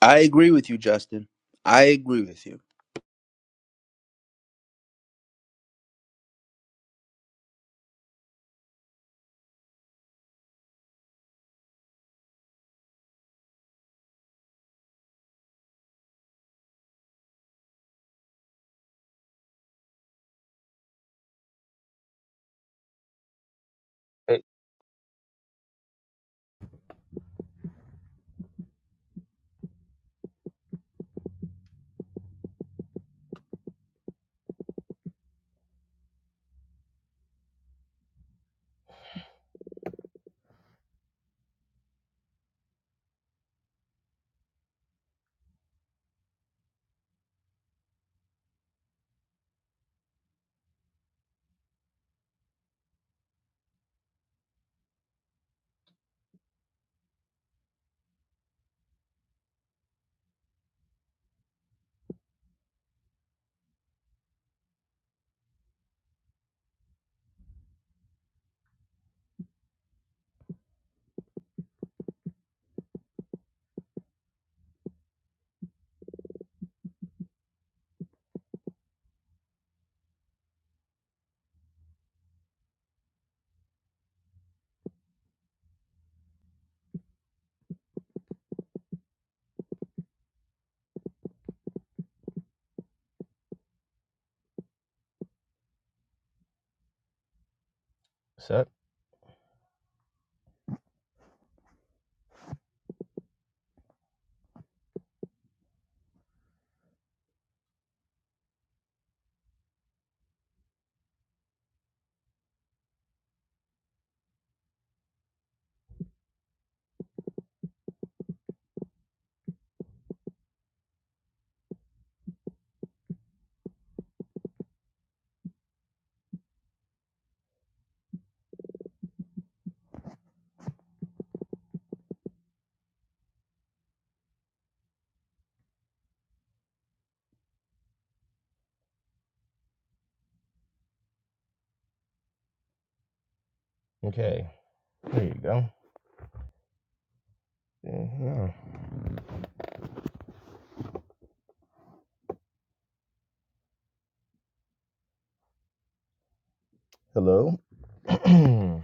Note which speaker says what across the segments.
Speaker 1: I agree with you, Justin. I agree with you.
Speaker 2: Hey, set. Okay. There you go. Yeah. Hello.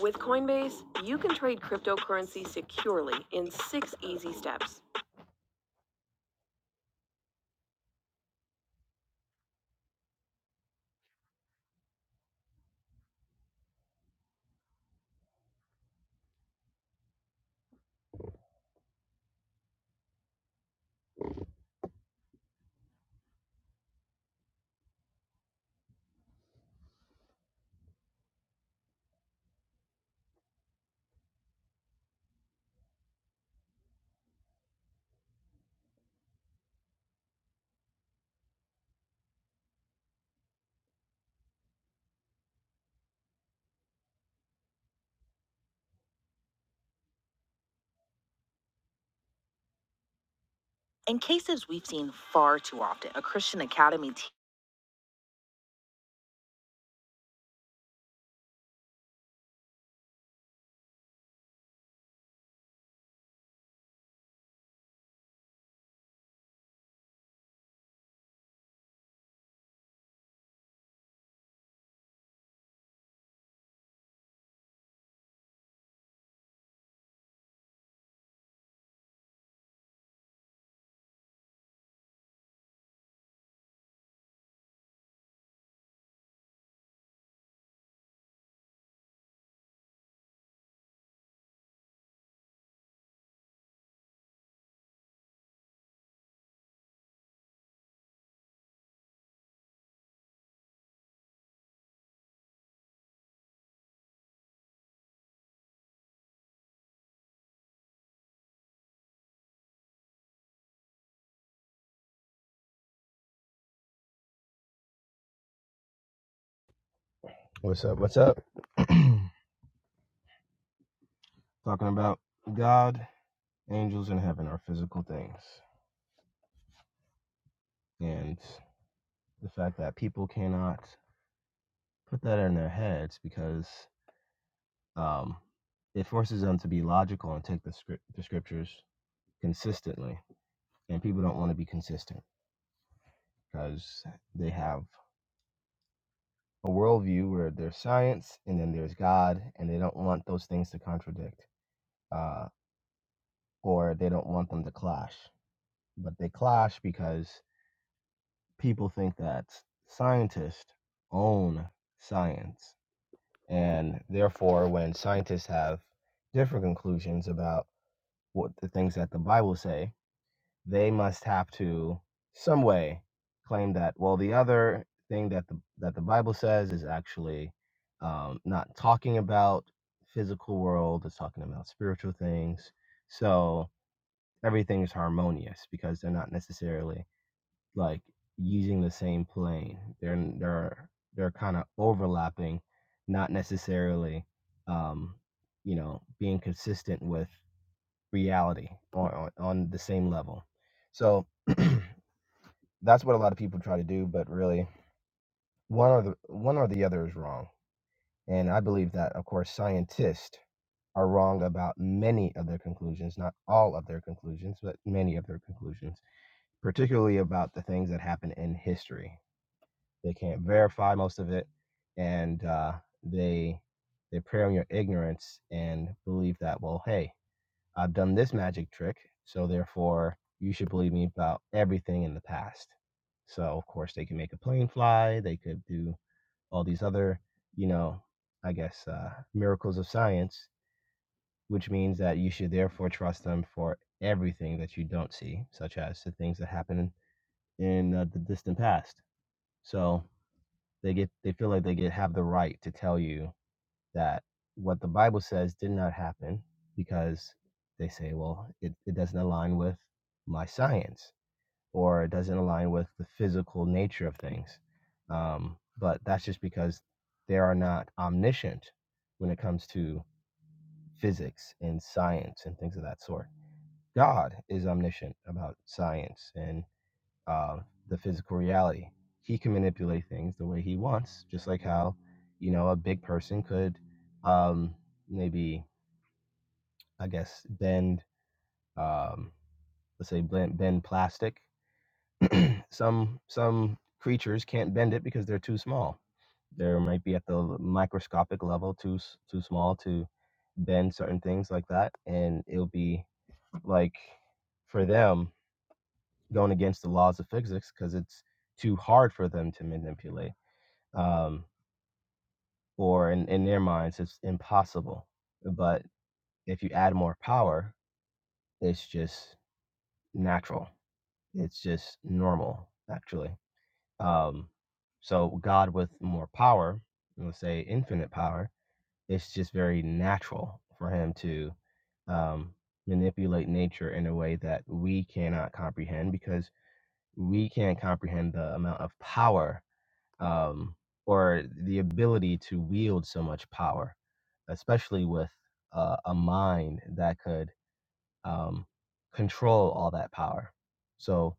Speaker 2: With Coinbase, you can trade cryptocurrency securely in six easy steps. what's up? What's up? Talking about God, angels, and heaven are physical things, and the fact that people cannot put that in their heads because um, it forces them to be logical and take the script, the scriptures consistently. and people don't want to be consistent because they have a worldview where there's science and then there's God, and they don't want those things to contradict, uh, or they don't want them to clash. But they clash because people think that scientists own science, and therefore, when scientists have different conclusions about what the things that the Bible say, they must have to some way claim that well the other thing that the that the bible says is actually um, not talking about physical world it's talking about spiritual things so everything is harmonious because they're not necessarily like using the same plane they're they're they're kind of overlapping not necessarily um you know being consistent with reality or on, on the same level so that's what a lot of people try to do, but really one or the one or the other is wrong. And I believe that of course scientists are wrong about many of their conclusions, not all of their conclusions, but many of their conclusions, particularly about the things that happen in history. They can't verify most of it, and uh, they they prey on your ignorance and believe that well, hey, I've done this magic trick, so therefore you should believe me about everything in the past. So of course they can make a plane fly, they could do all these other, you know, I guess uh, miracles of science, which means that you should therefore trust them for everything that you don't see, such as the things that happen in uh, the distant past. So they get they feel like they get have the right to tell you that what the Bible says did not happen because they say, well, it, it doesn't align with my science or it doesn't align with the physical nature of things. Um, but that's just because they are not omniscient when it comes to physics and science and things of that sort. God is omniscient about science and uh, the physical reality. He can manipulate things the way he wants, just like how, you know, a big person could um, maybe, I guess, bend, um, let's say, bend, bend plastic. Some some creatures can't bend it because they're too small. They might be at the microscopic level too too small to bend certain things like that, and it'll be like for them going against the laws of physics because it's too hard for them to manipulate um, or in, in their minds it's impossible but if you add more power it's just natural it's just normal actually um, so god with more power let's say infinite power it's just very natural for him to um, manipulate nature in a way that we cannot comprehend because we can't comprehend the amount of power um, or the ability to wield so much power, especially with uh, a mind that could um, control all that power. So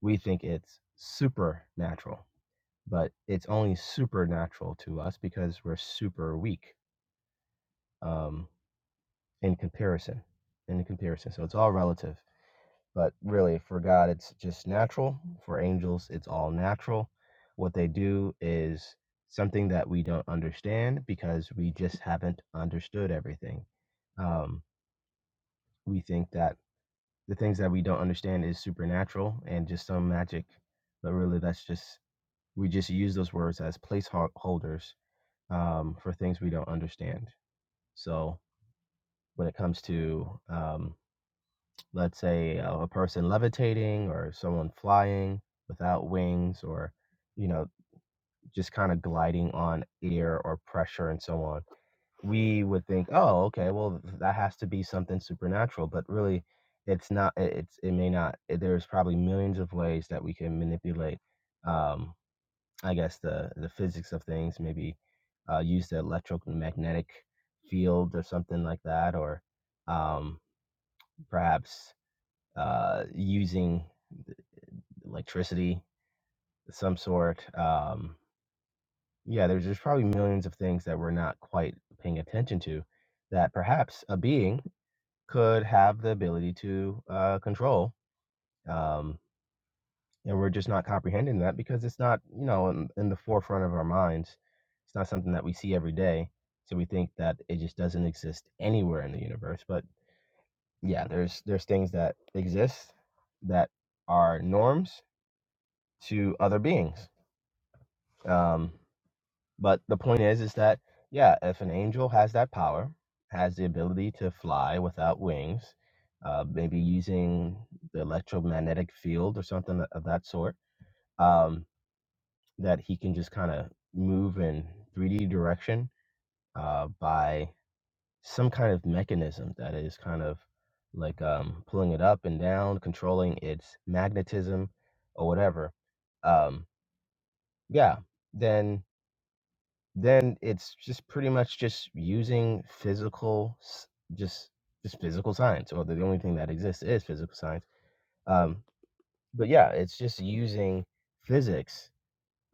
Speaker 2: we think it's supernatural, but it's only supernatural to us because we're super weak um, in comparison. In comparison, so it's all relative. But really, for God, it's just natural. For angels, it's all natural. What they do is something that we don't understand because we just haven't understood everything. Um, we think that the things that we don't understand is supernatural and just some magic, but really, that's just we just use those words as placeholders um, for things we don't understand. So when it comes to um, let's say uh, a person levitating or someone flying without wings or you know just kind of gliding on air or pressure and so on we would think oh okay well that has to be something supernatural but really it's not it's it may not there's probably millions of ways that we can manipulate um i guess the the physics of things maybe uh use the electromagnetic field or something like that or um perhaps uh, using electricity, of some sort. Um, yeah, there's there's probably millions of things that we're not quite paying attention to that perhaps a being could have the ability to uh, control. Um, and we're just not comprehending that because it's not, you know, in, in the forefront of our minds. It's not something that we see every day. So we think that it just doesn't exist anywhere in the universe. But yeah, there's there's things that exist that are norms to other beings. Um, But the point is, is that yeah, if an angel has that power, has the ability to fly without wings, uh, maybe using the electromagnetic field or something of that sort, um, that he can just kind of move in 3D direction uh, by some kind of mechanism that is kind of like um, pulling it up and down, controlling its magnetism or whatever. Um, yeah, then then it's just pretty much just using physical s- just just physical science or the only thing that exists is physical science um but yeah it's just using physics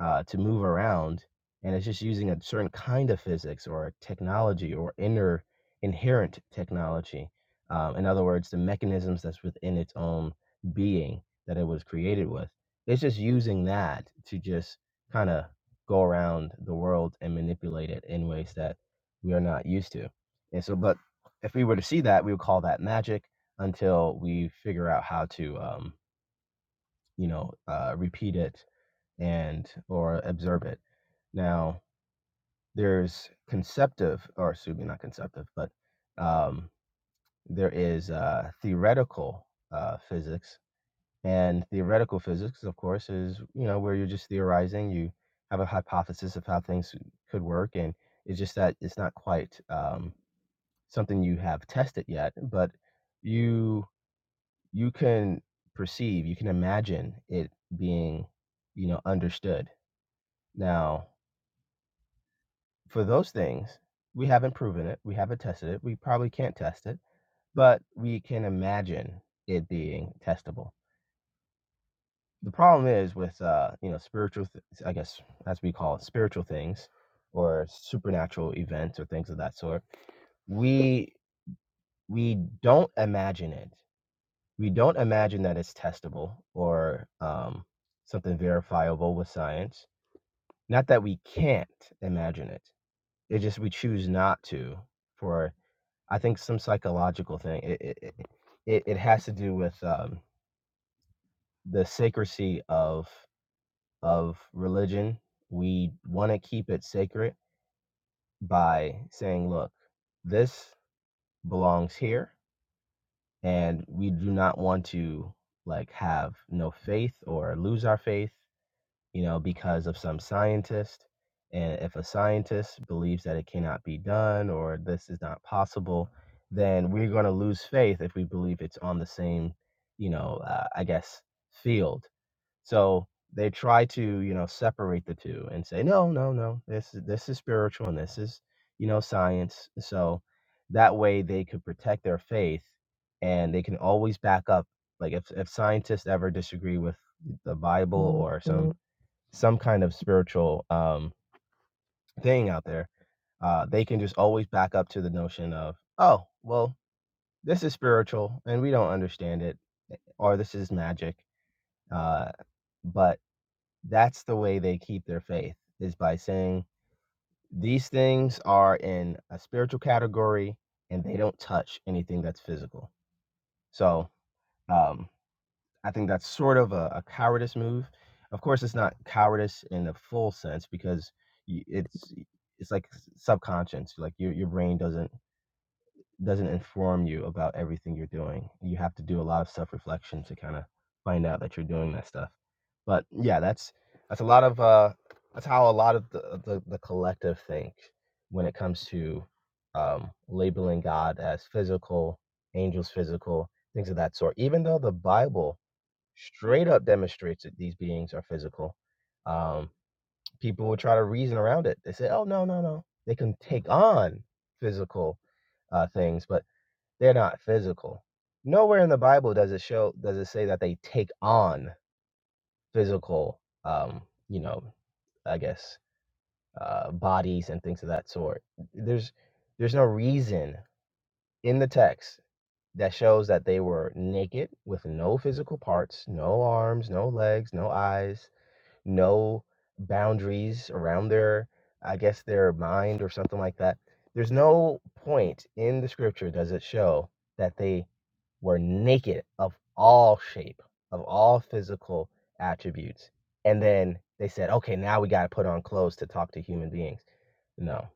Speaker 2: uh, to move around, and it's just using a certain kind of physics or a technology or inner inherent technology. Um, in other words, the mechanisms that's within its own being that it was created with. It's just using that to just kind of go around the world and manipulate it in ways that we are not used to. And so, but if we were to see that, we would call that magic until we figure out how to, um, you know, uh, repeat it and or observe it. Now, there's conceptive, or excuse me, not conceptive, but um, there is uh, theoretical uh, physics, and theoretical physics, of course, is you know where you're just theorizing. You have a hypothesis of how things could work, and it's just that it's not quite um, something you have tested yet, but you you can perceive, you can imagine it being you know understood. Now, for those things, we haven't proven it. We haven't tested it. We probably can't test it, but we can imagine it being testable. The problem is with uh, you know spiritual, th- I guess as we call it, spiritual things or supernatural events or things of that sort. We we don't imagine it. We don't imagine that it's testable or um, something verifiable with science. Not that we can't imagine it. It just we choose not to for I think some psychological thing. It it it, it has to do with um, the sacredcy of of religion. We want to keep it sacred by saying, "Look, this belongs here," and we do not want to like have no faith or lose our faith you know, because of some scientist. And if a scientist believes that it cannot be done or this is not possible, then we're going to lose faith if we believe it's on the same, you know, uh, I guess, field. So they try to, you know, separate the two and say, no, no, no, this is this is spiritual and this is, you know, science. So that way they could protect their faith and they can always back up. Like if, if scientists ever disagree with the Bible or some some kind of spiritual um, thing out there, uh, they can just always back up to the notion of, oh, well, this is spiritual and we don't understand it, or this is magic. Uh, but that's the way they keep their faith is by saying these things are in a spiritual category and they don't touch anything that's physical. So um, I think that's sort of a, a cowardice move. Of course, it's not cowardice in the full sense because y- it's it's like subconscious. Like your your brain doesn't doesn't inform you about everything you're doing. You have to do a lot of self reflection to kind of find out that you're doing that stuff. But yeah, that's that's a lot of uh, that's how a lot of the, uh, the the collective think when it comes to um, labeling God as physical, angels physical, things of that sort. Even though the Bible straight up demonstrates that these beings are physical. Um, people will try to reason around it. They say, "Oh no, no, no." They can take on physical uh, things, but they're not physical. Nowhere in the Bible does it show does it say that they take on physical, um, you know, I guess uh, bodies and things of that sort. There's there's no reason in the text that shows that they were naked with no physical parts, no arms, no legs, no eyes, no boundaries around their, I guess, their mind or something like that. There's no point in the scripture does it show that they were naked of all shape, of all physical attributes. And then they said, okay, now we got to put on clothes to talk to human beings. No,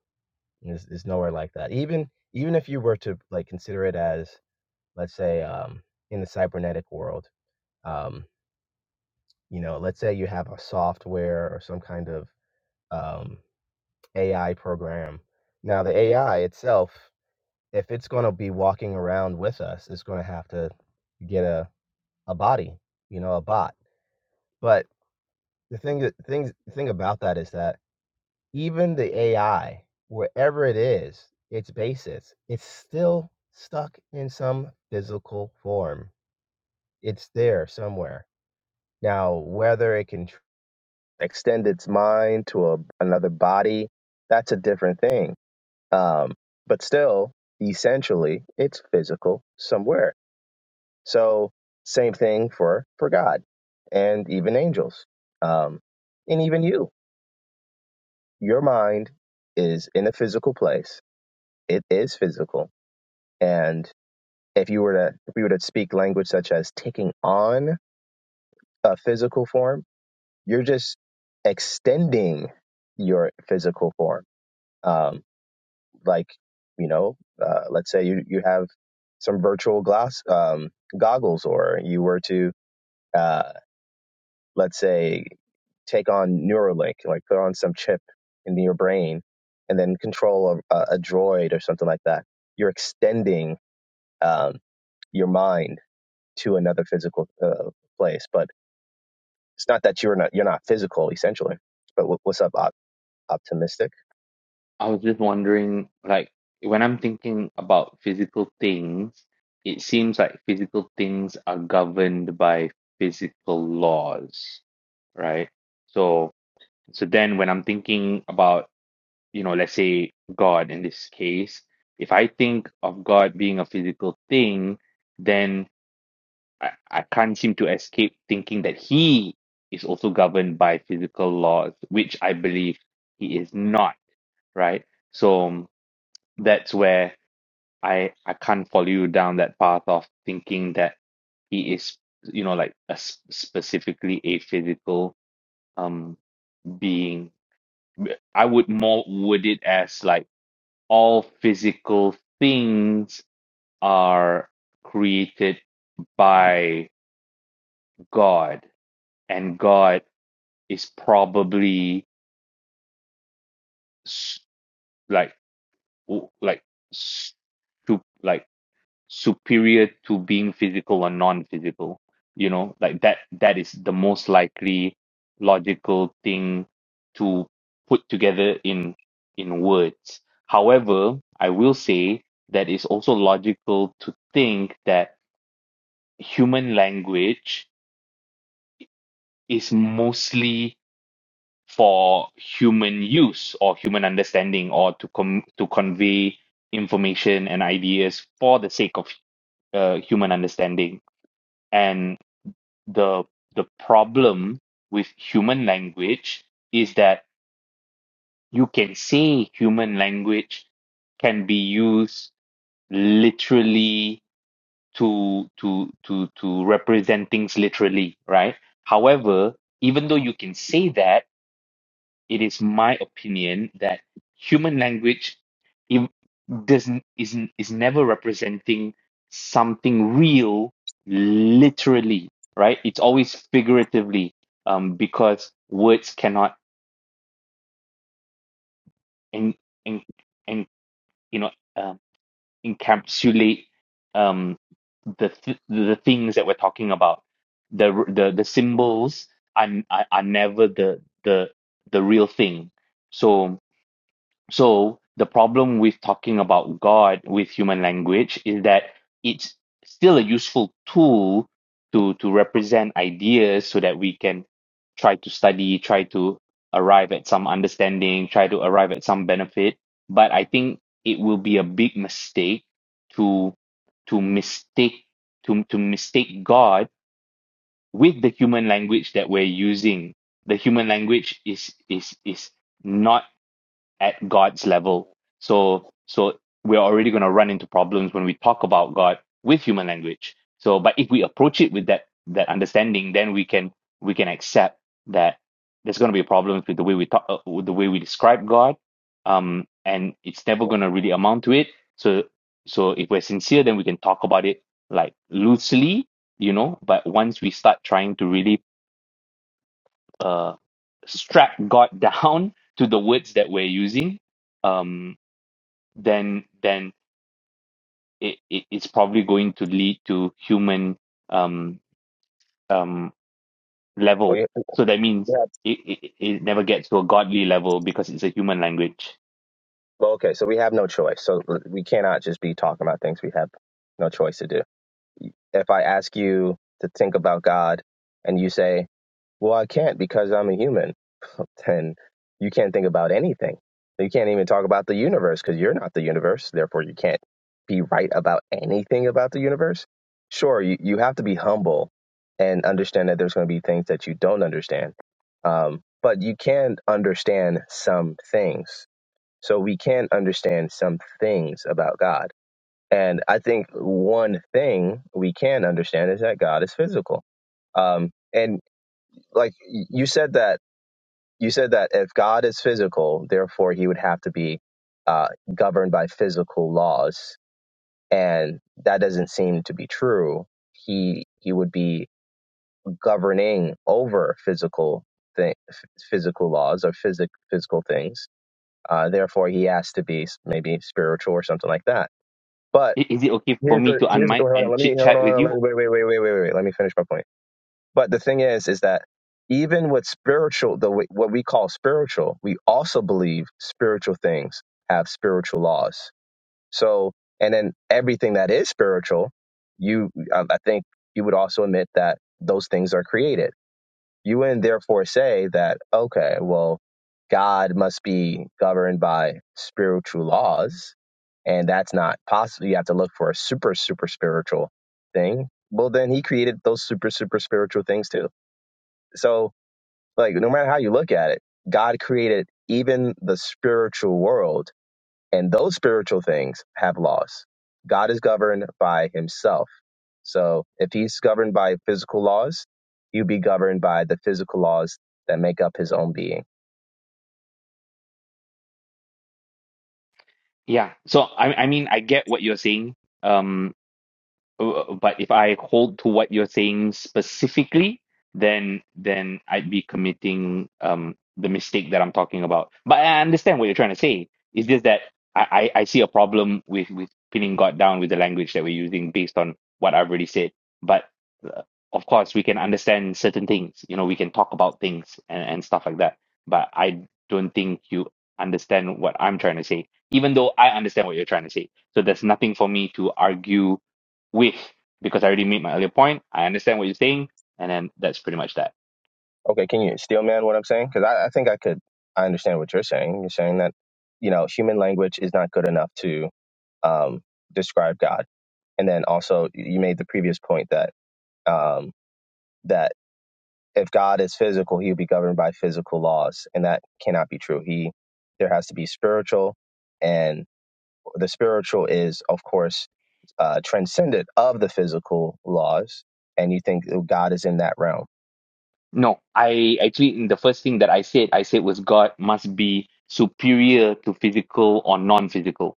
Speaker 2: it's, it's nowhere like that. Even even if you were to like consider it as, let's say, um, in the cybernetic world, um, you know, let's say you have a software or some kind of um, AI program. Now, the AI itself, if it's going to be walking around with us, it's going to have to get a, a body, you know, a bot. But the thing, that- things, the thing about that is that even the AI, wherever it is, its basis, it's still stuck in some physical form. It's there somewhere. Now, whether it can tr- extend its mind to a, another body, that's a different thing Um, but still, essentially, it's physical somewhere. So same thing for for God and even angels, um, and even you. Your mind is in a physical place. It is physical, and if you were to if we were to speak language such as taking on a physical form, you're just extending your physical form. Um, like you know uh, let's say you, you have some virtual glass um, goggles or you were to uh, let's say take on neuralink like put on some chip in your brain and then control a, a droid or something like that you're extending um, your mind to another physical uh, place but it's not that you're not you're not physical essentially but wh- what's up op- optimistic
Speaker 3: I was just wondering, like, when I'm thinking about physical things, it seems like physical things are governed by physical laws, right? So, so then when I'm thinking about, you know, let's say God in this case, if I think of God being a physical thing, then I, I can't seem to escape thinking that he is also governed by physical laws, which I believe he is not, right? So, that's where I I can't follow you down that path of thinking that he is, you know, like a s specifically a physical um being. I would more word it as like all physical things are created by God, and God is probably s- like w- like s- to like superior to being physical or non-physical you know like that that is the most likely logical thing to put together in in words however i will say that it's also logical to think that human language is mostly for human use or human understanding or to com- to convey information and ideas for the sake of uh, human understanding and. the the problem with human language is that you can say human language can be used literally to to to to represent things literally, right? However, even though you can say that, it is my opinion that human language it doesn't is is never representing something real literally right it's always figuratively um because words cannot and and and you know um, encapsulate um the th- the things that we're talking about the the the symbols are, are are never the the the real thing so So the problem with talking about God with human language is that it's still a useful tool to to represent ideas so that we can try to study, try to arrive at some understanding, try to arrive at some benefit. But I think it will be a big mistake to to mistake to to mistake God with the human language that we're using. The human language is is is not at God's level. So so we're already going to run into problems when we talk about God with human language. So but if we approach it with that that understanding, then we can we can accept that there's going to be problems with the way we talk, uh, with the way we describe God, um, and it's never going to really amount to it. So so if we're sincere, then we can talk about it like loosely, you know. But once we start trying to really uh, strap God down to the words that we're using, um then then it, it, it's probably going to lead to human um, um,
Speaker 2: well,
Speaker 3: level.
Speaker 2: you,
Speaker 3: So that means
Speaker 2: you
Speaker 3: it, it, it never gets to a godly level because it's a human language.
Speaker 2: Well, okay, so we have no choice. So we cannot just be talking about things we have no choice to do. If I ask you to think about God and you say, well, I can't because I'm a human, then you can't think about anything. You can't even talk about the universe because you're not the universe. Therefore, you can't be right about anything about the universe. Sure, you, you have to be humble and understand that there's going to be things that you don't understand. Um, but you can understand some things so we can understand some things about God. And I think one thing we can understand is that God is physical. Um, and like y- you said that you said that if God is physical, therefore he would have to be uh, governed by physical laws, and that doesn't seem to be true. He he would be governing over physical thing, f- physical laws or physic, physical things uh, therefore, he has to be s- maybe spiritual or something like that. But
Speaker 3: I- Is it okay for
Speaker 2: here's
Speaker 3: me
Speaker 2: the
Speaker 3: to
Speaker 2: here's the,
Speaker 3: unmic
Speaker 2: hold on,
Speaker 3: and
Speaker 2: let me
Speaker 3: chit
Speaker 2: hold
Speaker 3: chat with
Speaker 2: on let
Speaker 3: you?
Speaker 2: me, wait wait wait wait wait wait wait. let me finish my point. But the thing is, is that even with spiritual the w- what we call spiritual, we also believe spiritual things have spiritual laws. So and then everything that is spiritual, you I I think you would also admit that those things are created you wouldn't therefore say that, okay, well, God must be governed by spiritual laws, and that's not possible. You have to look for a super, super spiritual thing. Well, then he created those super, super spiritual things too. So, like, no matter how you look at it, God created even the spiritual world and those spiritual things have laws. God is governed by himself. So if he's governed by physical laws, you be governed by the physical laws that make up his own being.
Speaker 3: Yeah. So I I mean I get what you're saying. Um, Uh, But if I hold to what you're saying specifically, then then I'd be committing um the mistake that I'm talking about. But I understand what you're trying to say. It's just that I, I, I see a problem with with pinning God down with the language that we're using based on what I've already said. But uh, of course, we can understand certain things. You know, we can talk about things and, and stuff like that. But I don't think you understand what I'm trying to say, even though I understand what you're trying to say. So there's nothing for me to argue with because I already made my earlier point. I understand what you're saying, and then that's pretty much that.
Speaker 2: Okay, can you steel man what I'm saying? Because I, I think I could, I understand what you're saying. You're saying that, you know, human language is not good enough to um, describe God. And then also, you made the previous point that um, that if God is physical, he will be governed by physical laws, and that cannot be true. He there has to be spiritual, and the spiritual is, of course, uh, transcendent of the physical laws. And you think God is in that realm,
Speaker 3: No, I actually in the first thing that I said, I said was God must be superior to physical or non-physical.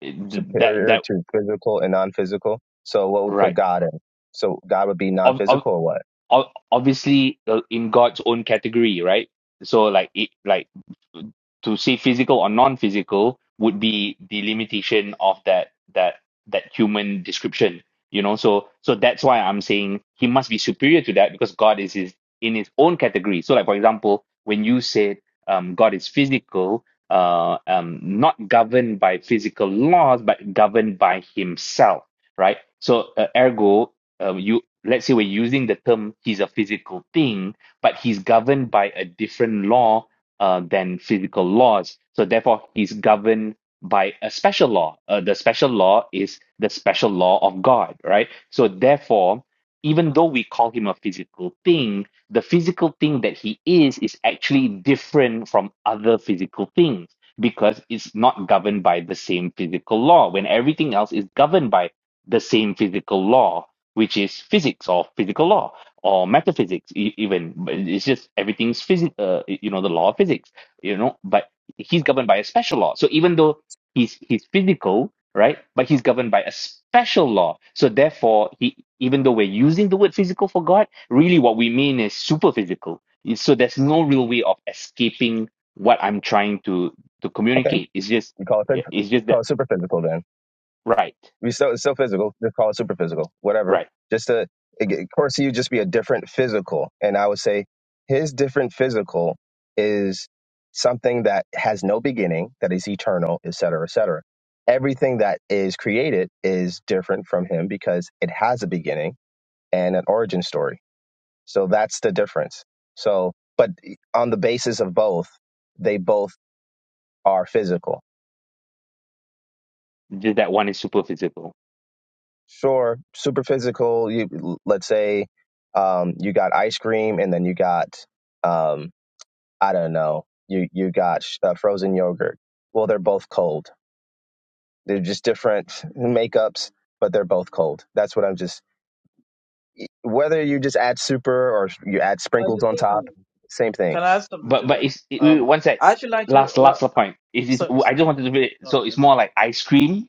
Speaker 3: It- That
Speaker 2: superior
Speaker 3: that
Speaker 2: to physical and non-physical. So what would put
Speaker 3: right.
Speaker 2: God in? So God would be
Speaker 3: Of, of,
Speaker 2: non-physical or what?
Speaker 3: of obviously uh, in God's own category, right? So like it like to say physical or non-physical would be the limitation of that that that human description you know so so that's why i'm saying he must be superior to that because god is his in his own category so like for example when you said um, god is physical uh, um, not governed by physical laws but governed by himself right so uh, ergo uh, you let's say we're using the term he's a physical thing but he's governed by a different law uh, than physical laws. So therefore, he's governed by a special law. Uh, the special law is the special law of God, right? So therefore, even though we call him a physical thing, the physical thing that he is is actually different from other physical things because it's not governed by the same physical law when everything else is governed by the same physical law, which is physics or physical law or metaphysics e- even but it's just everything's physics uh, you know the law of physics you know but he's governed by a special law so even though he's he's physical right but he's governed by a special law so therefore he even though we're using the word physical for god really what we mean is super physical so there's no real way of escaping what i'm trying to to
Speaker 2: Okay,
Speaker 3: communicate it's just
Speaker 2: you call it phys-
Speaker 3: it's just that
Speaker 2: call it super physical then.
Speaker 3: right
Speaker 2: We still it's still physical. Just call it super physical, whatever.
Speaker 3: right
Speaker 2: Just to, it- of course, you just be a different physical. And I would say his different physical is something that has no beginning, that is eternal, et cetera, et cetera. Everything that is created is different from him because it has a beginning and an origin story. So that's the difference. So, but on the basis of both, they both are physical
Speaker 3: just that one is super physical
Speaker 2: Sure. Super physical. You let's say um, you got ice cream, and then you got um, I don't know. You you got sh- uh, frozen yogurt. Well, they're both cold. They're just different makeups, but they're both cold. That's what I'm just. Whether you just add super or you add
Speaker 4: Can I
Speaker 2: sprinkles
Speaker 4: just
Speaker 2: on
Speaker 4: say
Speaker 2: top,
Speaker 4: something?
Speaker 2: same thing.
Speaker 4: Can I add something
Speaker 3: but
Speaker 4: to
Speaker 3: but it's it,
Speaker 4: that?
Speaker 3: wait,
Speaker 4: Um,
Speaker 3: one sec.
Speaker 4: I actually like to
Speaker 3: Last last
Speaker 4: what. uh,
Speaker 3: point. Is it?
Speaker 4: So,
Speaker 3: I
Speaker 4: so
Speaker 3: just wanted to put it. So it's
Speaker 4: okay.
Speaker 3: more like ice cream,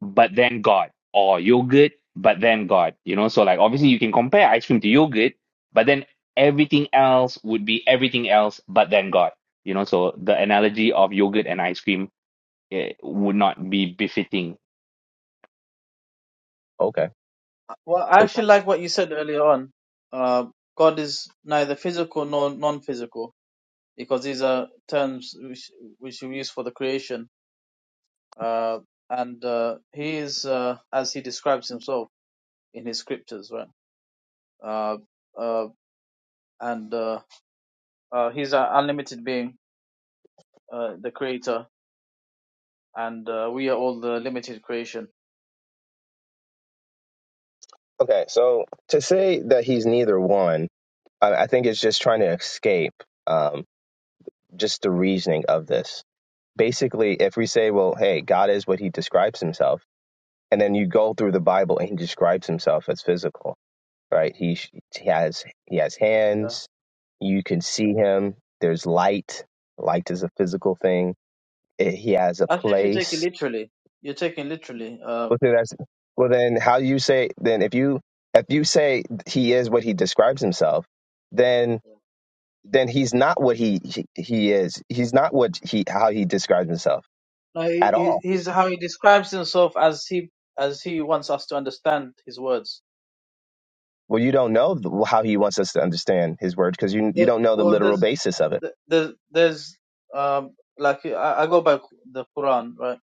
Speaker 3: but then God, or yogurt, but then God. You know, so like obviously you can compare ice cream to yogurt, but then everything else would be everything else, but then God. You know, so the analogy of yogurt and ice cream eh, would not be befitting.
Speaker 2: Okay.
Speaker 4: Well, I actually like what you said earlier on. Uh, God is neither physical nor non-physical because these are terms which which we use for the creation. Uh, and uh, he is uh, as he describes himself in his scriptures, right? Uh, uh, and uh, uh, he's an unlimited being, uh, the creator, and uh, we are all the limited creation
Speaker 2: Okay. So to say that he's neither one, I, I think it's just trying to escape um, just the reasoning of this. basically if we say well hey god is what he describes himself and then you go through the bible and he describes himself as physical right he, he has he has
Speaker 4: Uh,
Speaker 2: hands you can see him there's light light is a physical thing Eh, he has a
Speaker 4: As if you take it
Speaker 2: place
Speaker 4: literally. You are taking literally. Uh,
Speaker 2: well then, that's, well then how do you say then if you if you say he is what he describes himself then then he's not what he he, he is he's not what he how he describes himself
Speaker 4: no, he,
Speaker 2: at all
Speaker 4: he- he's how he describes himself as he as he wants us to understand his words.
Speaker 2: Well, you don't know th- how he wants us to understand his words because you you
Speaker 4: The,
Speaker 2: don't know the
Speaker 4: well,
Speaker 2: literal
Speaker 4: there's
Speaker 2: basis of it.
Speaker 4: the- there's there's um like I, I go by the Quran right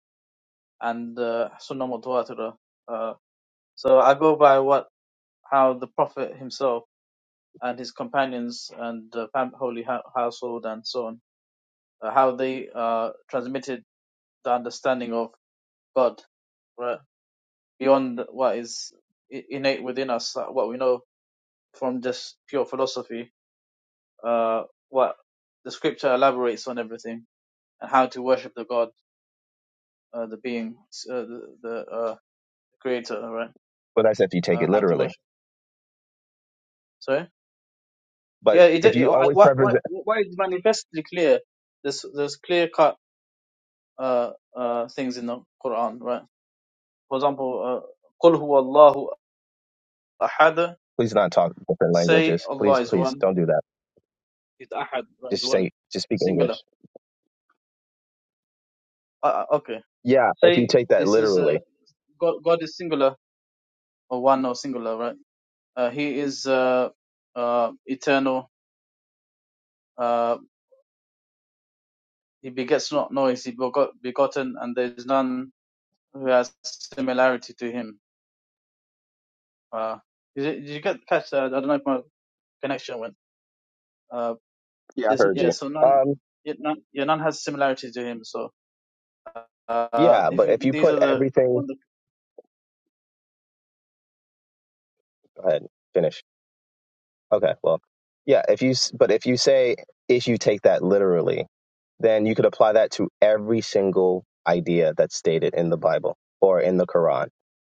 Speaker 4: and uh, Sunnah Mutawatirah. Uh, so I go by what how the Prophet himself and his companions and the fam- holy hou- household and so on uh, how they uh transmitted the understanding of God. Right. beyond what is i- innate within us, uh, what we know from just pure philosophy, uh, what the scripture elaborates on everything and how to worship the God, uh, the being, s- uh, the, the uh, creator, right?
Speaker 2: Well, that's if you take
Speaker 4: Uh,
Speaker 2: it
Speaker 4: how to
Speaker 2: literally.
Speaker 4: worship. Sorry?
Speaker 2: But
Speaker 4: Yeah, it,
Speaker 2: if
Speaker 4: it,
Speaker 2: you
Speaker 4: I-
Speaker 2: always
Speaker 4: what,
Speaker 2: preference,
Speaker 4: what, what is manifestly clear, there's, there's clear cut uh, uh, things in the Quran, right? For example, uh, قُلْ هُوَ اللَّهُ أَحَدٌ
Speaker 2: please not talk different
Speaker 4: Say
Speaker 2: languages. Please,
Speaker 4: Allah is
Speaker 2: please
Speaker 4: one.
Speaker 2: don't do that.
Speaker 4: He's ahad, right? Is
Speaker 2: Just
Speaker 4: one.
Speaker 2: say, just speak
Speaker 4: Singular.
Speaker 2: English.
Speaker 4: Uh, uh, okay.
Speaker 2: Yeah, if you
Speaker 4: Say
Speaker 2: take that
Speaker 4: this is uh,
Speaker 2: literally.
Speaker 4: God. God is singular or one or singular, right? Uh, he is uh, uh, eternal. Uh, he begets not noise. He begot, begotten, and there is none who has similarity to him. Uh, did, you- did you get catch that? I don't know if my connection went. Uh,
Speaker 2: Yeah, I
Speaker 4: there's
Speaker 2: heard
Speaker 4: yeah.
Speaker 2: you.
Speaker 4: So none,
Speaker 2: Um,
Speaker 4: yet none, yeah, none has similarity to him. So uh,
Speaker 2: yeah,
Speaker 4: if
Speaker 2: but
Speaker 4: you,
Speaker 2: if you
Speaker 4: these are
Speaker 2: put
Speaker 4: the
Speaker 2: everything,
Speaker 4: one, the
Speaker 2: go ahead, finish. Okay, well, yeah, if you, s- but if you say, if you take that literally, then you could apply that to every single idea that's stated in the Bible or in the Quran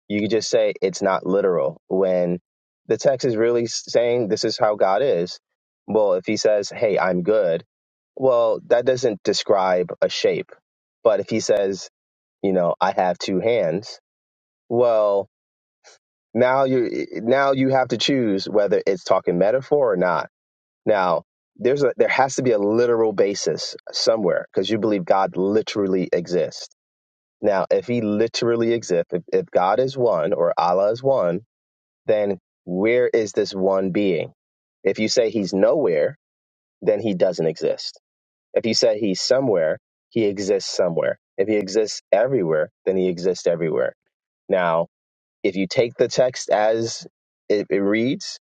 Speaker 2: You could just say it's not literal when the text is really saying this is how God is. Well, if he says, hey, I'm good, well, that doesn't describe a shape. But if he says, you know, I have two hands, well, now you now you have to choose whether it's talking metaphor or not. Now, there's a there has to be a literal basis somewhere because you believe God literally exists. Now, if he literally exists, if, if God is one or Allah is one, then where is this one being? If you say he's nowhere, then he doesn't exist. If you say he's somewhere, he exists somewhere. If he exists everywhere, then he exists everywhere. Now, if you take the text as it, it reads,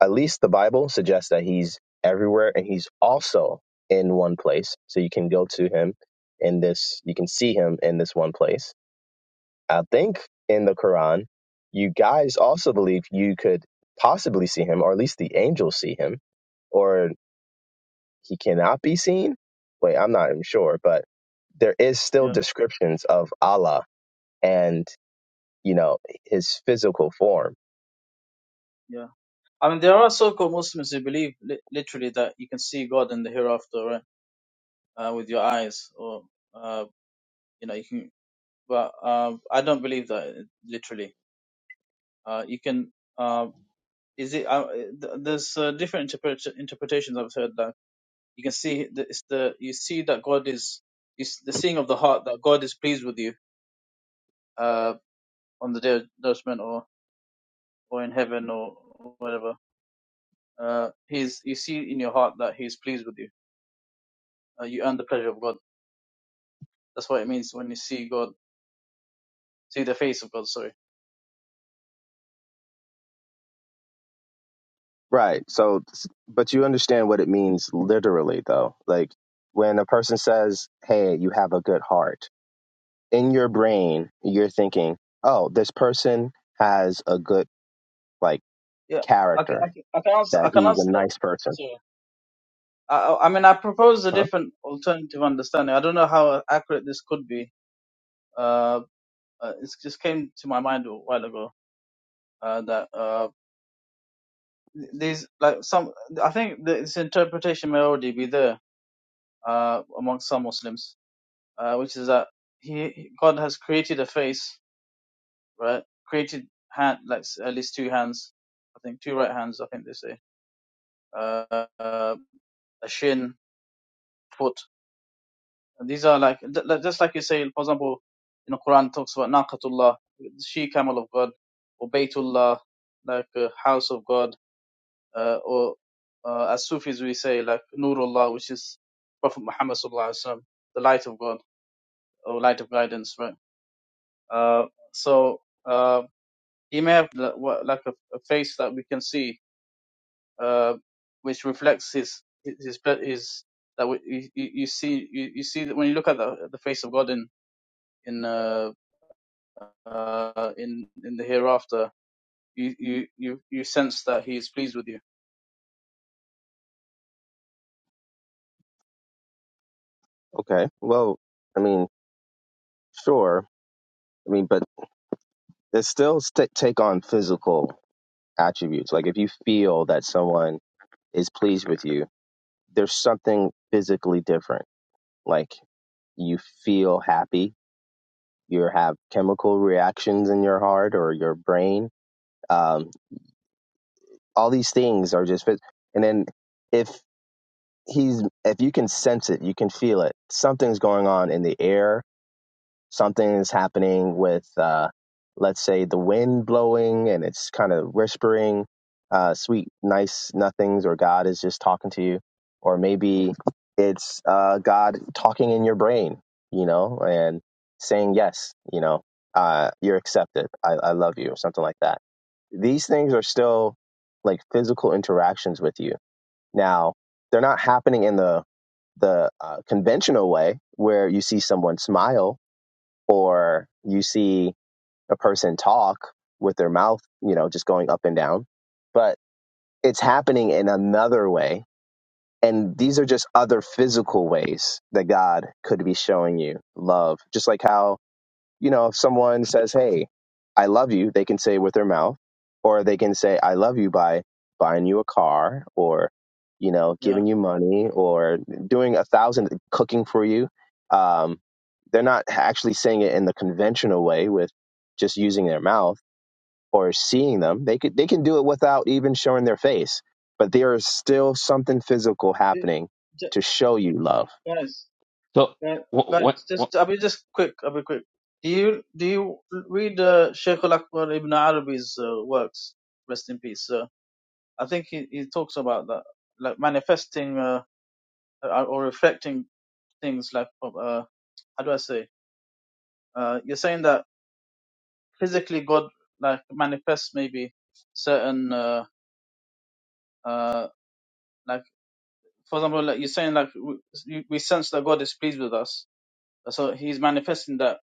Speaker 2: at least the Bible suggests that he's everywhere and he's also in one place. So you can go to him in this, you can see him in this one place I think in the Quran, you guys also believe you could possibly see him, or at least the angels see him, or he cannot be seen. Wait, I'm not even sure, but there is still
Speaker 4: yeah,
Speaker 2: descriptions of Allah and you know his physical form.
Speaker 4: yeah. I mean, there are so-called Muslims who believe li- literally that you can see God in the hereafter, right? uh, with your eyes, or uh, you know, you can. But uh, I don't believe that literally. Uh, you can. Uh, is it? Uh, th- there's uh, different interpret- interpretations I've heard that you can see. The, it's the you see that God is is the seeing of the heart that God is pleased with you uh, on the day of judgment or or in heaven or, or whatever. Uh, he's you see in your heart that He's pleased with you. Uh, you earn the pleasure of God. That's what it means when you see God, see the face of God. Sorry
Speaker 2: Right. So, but you understand what it means literally, though. Like when a person says, "Hey, you have a good heart," in your brain, you're thinking, "Oh, this person has a good like."
Speaker 4: Yeah, I can,
Speaker 2: character
Speaker 4: I can, I can answer. I
Speaker 2: that
Speaker 4: can
Speaker 2: he's a
Speaker 4: answer that.
Speaker 2: nice person.
Speaker 4: So, I, I I mean, I propose a
Speaker 2: Huh?
Speaker 4: different alternative understanding. I don't know how accurate this could be. Uh, uh, it just came to my mind a while ago uh, that uh, these, like some, I think this interpretation may already be there uh, among some Muslims, uh, which is that he, he- God has created a face, right? Created hand, like s- at least two hands, I think two right hands, I think they say, uh, uh, a shin, foot And These are like th- like- just like you say, for example, in the Quran talks about Naqatullah, the she camel of God, or Baytullah, like uh, house of God, uh, or uh, as Sufis we say like Nurullah, which is Prophet Muhammad sallallahu alaihi wasallam, the light of God or light of guidance, right? Uh, so uh, he may have li- wha- like a, a face that we can see, uh, which reflects his his his, his that we, you, you you see you, you see that when you look at the, the face of God in in uh, uh, in in the hereafter, you you you you sense that He is pleased with you.
Speaker 2: Okay. Well, I mean, sure. I mean, but it still st- take on physical attributes. Like if you feel that someone is pleased with you, there's something physically different. Like you feel happy, you have chemical reactions in your heart or your brain. Um, all these things are just phys- and then if he's if you can sense it, you can feel it. Something's going on in the air something is happening with uh, let's say the wind blowing and it's kind of whispering uh, sweet nice nothings or god is just talking to you or maybe it's uh, god talking in your brain you know and saying yes you know uh, you're accepted I, I love you or something like that these things are still like physical interactions with you now they're not happening in the the uh, conventional way where you see someone smile or you see a person talk with their mouth, you know, just going up and down, but it's happening in another way. And these are just other physical ways that God could be showing you love. Just like how you know, if someone says, "Hey, I love you," they can say it with their mouth, or they can say, "I love you" by buying you a car, or you know,
Speaker 4: Yeah,
Speaker 2: giving you money, or doing a thousand cooking for you. Um, they're not actually saying it in the conventional way with just using their mouth or seeing them. They could they can do it without even showing their face, but there is still something physical
Speaker 4: Do-
Speaker 2: happening
Speaker 4: ju-
Speaker 2: to show you love.
Speaker 4: guys,
Speaker 3: So
Speaker 4: guys,
Speaker 3: what
Speaker 4: guys,
Speaker 3: what, what
Speaker 4: just I'll be just quick. I'll be quick. Do you do you read uh, Sheikh Al Akbar Ibn Arabi's uh, works? Rest in peace. Uh, I think he, he talks about that, like manifesting uh, or or reflecting things like uh, how do I say? Uh, you're saying that physically God like manifests maybe certain uh, uh, like for example, like you're saying, like w- we sense that God is pleased with us, so He's manifesting that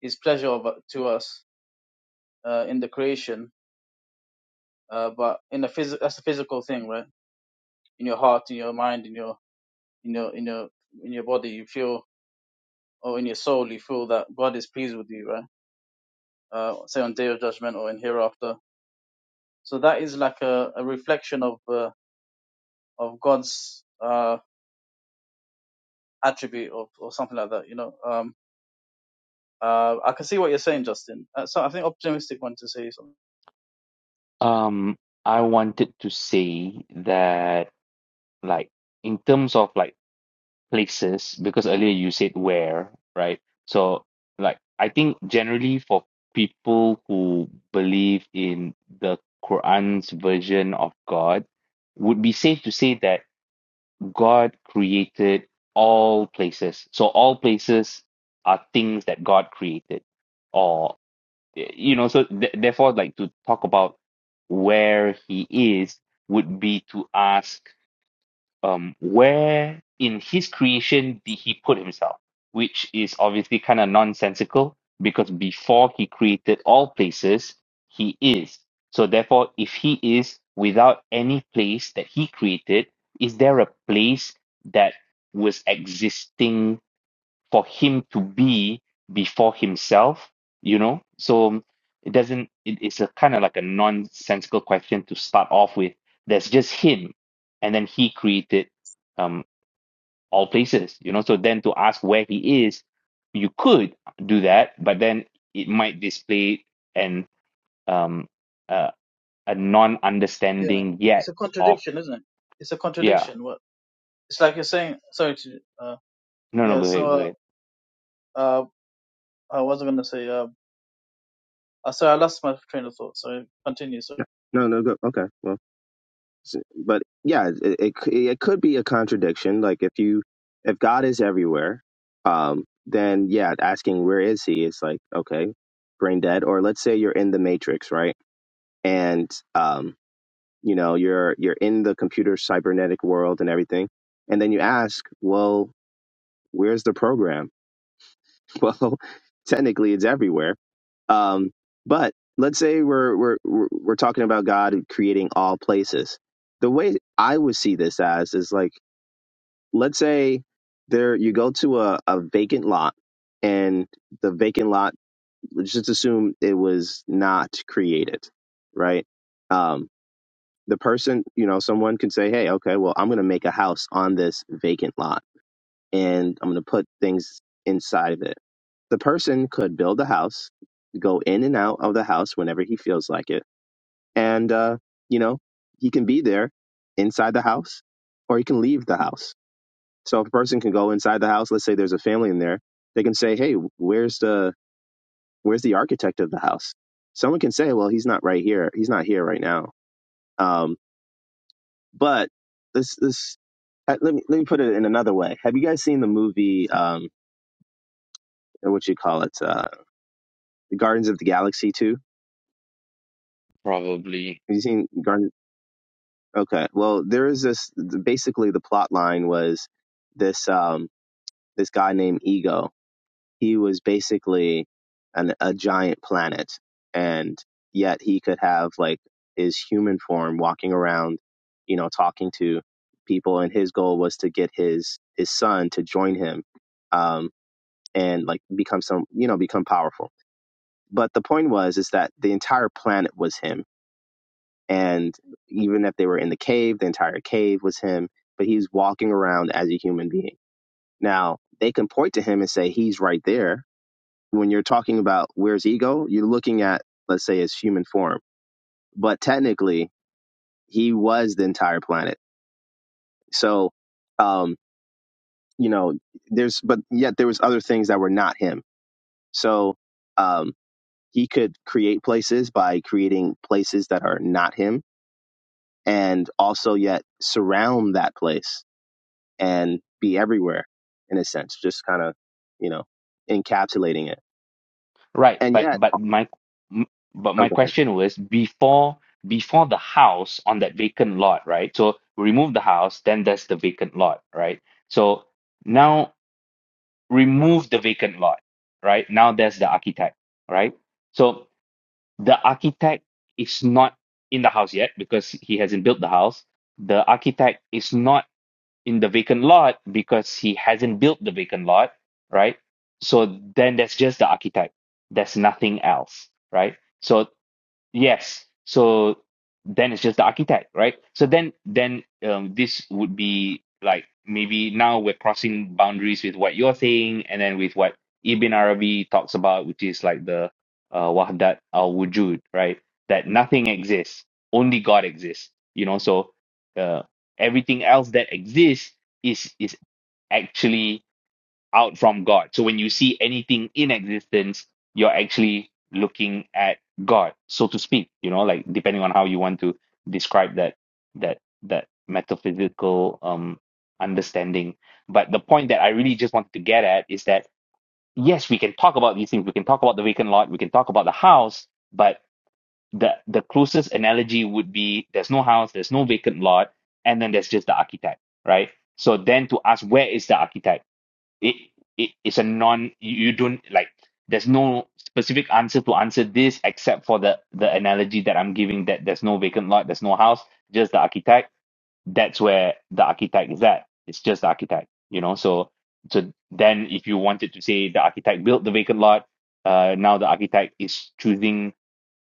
Speaker 4: His pleasure of, to us uh, in the creation. Uh, but in the phys- that's a physical thing, right? In your heart, in your mind, in your in your in your in your body, you feel, or in your soul, you feel that God is pleased with you, right? Uh, say on Day of Judgment or in hereafter. So that is like a, a reflection of uh, of God's uh, attribute or, or something like that, you know. Um, uh, I can see what you're saying, Justin. Uh, so I think optimistic one to say something.
Speaker 3: um I wanted to say that like in terms of like places because earlier you said where, right? So, like, I think generally for people who believe in the Quran's version of God, would be safe to say that God created all places. So all places are things that God created, or you know. So th- therefore, like to talk about where He is would be to ask um, where in his creation did he put himself? Which is obviously kind of nonsensical because before he created all places, he is. So therefore, if he is without any place that he created, is there a place that was existing for him to be before himself you know so it doesn't it, it's a kind of like a nonsensical question to start off with there's just him and then he created um all places you know so then to ask where he is you could do that but then it might display an um uh, a
Speaker 4: Yeah,
Speaker 3: non-understanding
Speaker 4: it's
Speaker 3: yet
Speaker 4: a
Speaker 3: of
Speaker 4: contradiction, isn't it? It's a
Speaker 3: yeah
Speaker 4: contradiction. What? It's like you're saying. Sorry to. Uh,
Speaker 3: no no
Speaker 4: yeah.
Speaker 3: go ahead, go
Speaker 4: So,
Speaker 3: ahead.
Speaker 4: uh, uh, I was going to say. Uh, uh, sorry, I lost my train of thought. So continue. So
Speaker 2: No, no, good. Okay, well. So- but yeah, it, it c- it could be a contradiction. Like if you if God is everywhere, um, then yeah, asking where is He is like okay, brain dead. Or let's say you're in the Matrix, right? And um, you know you're you're in the computer cybernetic world and everything, and then you ask, well, where's the program? Well, technically, it's everywhere. Um, but let's say we're we're we're we're talking about God creating all places. The way I would see this as is like, let's say there you go to a, a vacant lot, and the vacant lot. Let's just assume it was not created, right? Um, the person, you know, someone can say, "Hey, okay, well, I'm going to make a house on this vacant lot." and I'm going to put things inside of it. The person could build a house, go in and out of the house whenever he feels like it. And, uh, you know, he can be there inside the house or he can leave the house. So if a person can go inside the house, let's say there's a family in there, they can say, Hey, where's the, where's the architect of the house? Someone can say, well, he's not right here. He's not here right now. Um, but this, this, uh, let me, let me put it in another way. Have you guys seen the movie, um, what you call it? Uh, the Guardians of the Galaxy too.
Speaker 3: probably
Speaker 2: Have you seen Garden? Okay, well, there is this. Basically, the plot line was this um, this guy named Ego. He was basically an, a giant planet, and yet he could have like his human form walking around, you know, talking to people. And his goal was to get his his son to join him, um, and like become some, you know, become powerful. But the point was is that the entire planet was him And even if they were in the cave, the entire cave was him, but he's walking around as a human being. Now, they can point to him and say he's right there. When you're talking about where's ego, you're looking at, let's say, his human form. But technically, he was the entire planet. So, um, you know, there's, but yet there was other things that were not him. So, um, he could create places by creating places that are not him and also yet surround that place and be everywhere in a sense, just kind of, you know, encapsulating it.
Speaker 3: Right,
Speaker 2: And
Speaker 3: but
Speaker 2: yet,
Speaker 3: but my m- but my
Speaker 2: okay,
Speaker 3: question was before before the house on that vacant lot, right? So remove the house, then there's the vacant lot, right? So now remove the vacant lot, right? Now there's the architect, right? So the architect is not in the house yet because he hasn't built the house. The architect is not in the vacant lot because he hasn't built the vacant lot, right? So then that's just the archetype. There's nothing else, right? So Yes. So then it's just the architect, right? So then then um this would be like maybe now we're crossing boundaries with what you're saying and then with what Ibn Arabi talks about, which is like the uh Wahdat al Wujud, right? That nothing exists, only God exists. You know, so uh everything else that exists is is actually out from God. So when you see anything in existence, you're actually looking at God, so to speak, you know, like depending on how you want to describe that that that metaphysical um understanding. But the point that I really just wanted to get at is that yes, we can talk about these things, we can talk about the vacant lot, we can talk about the house, but the the closest analogy would be there's no house, there's no vacant lot, and then there's just the architect, right? So then to ask where is the architect? it, it it's a non you, you don't like there's no specific answer to answer this except for the the analogy that i'm giving that there's no vacant lot there's no house just the architect that's where the architect is at it's just the architect you know so so then if you wanted to say the architect built the vacant lot uh now the architect is choosing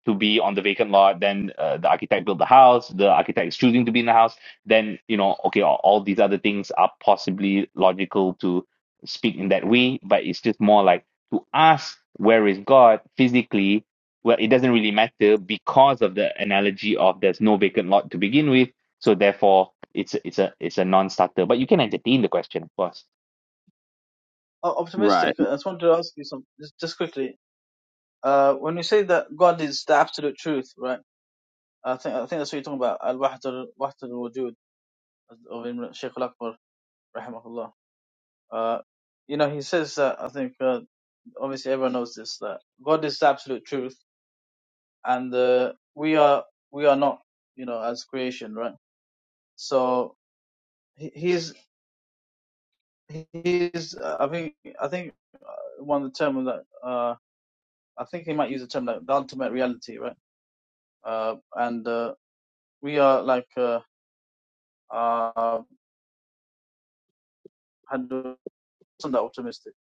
Speaker 3: to be on the vacant lot. Then uh, the architect built the house. The architect is choosing to be in the house. Then you know, okay, all, all these other things are possibly logical to speak in that way, but it's just more like to ask where is God physically. Well, it doesn't really matter because of the analogy of there's no vacant lot to begin with. So therefore, it's a, it's a it's a non-starter. But you can entertain the question, of course.
Speaker 4: uh, optimistic.
Speaker 2: right,
Speaker 4: I just wanted to ask you some just, just quickly. Uh, when you say that God is the absolute truth, right? I think I think that's what you're talking about. Al Wahdat Wahdat al Wujud of Imran Sheikh Al Akbar, rahimahullah. Uh, you know, he says that I think uh, obviously everyone knows this that God is the absolute truth and uh, we are we are not you know as creation right so he, he's he's uh, i think i think one of the term that uh i think he might use the term like the ultimate reality right uh and uh, we are like uh uh had some that optimistic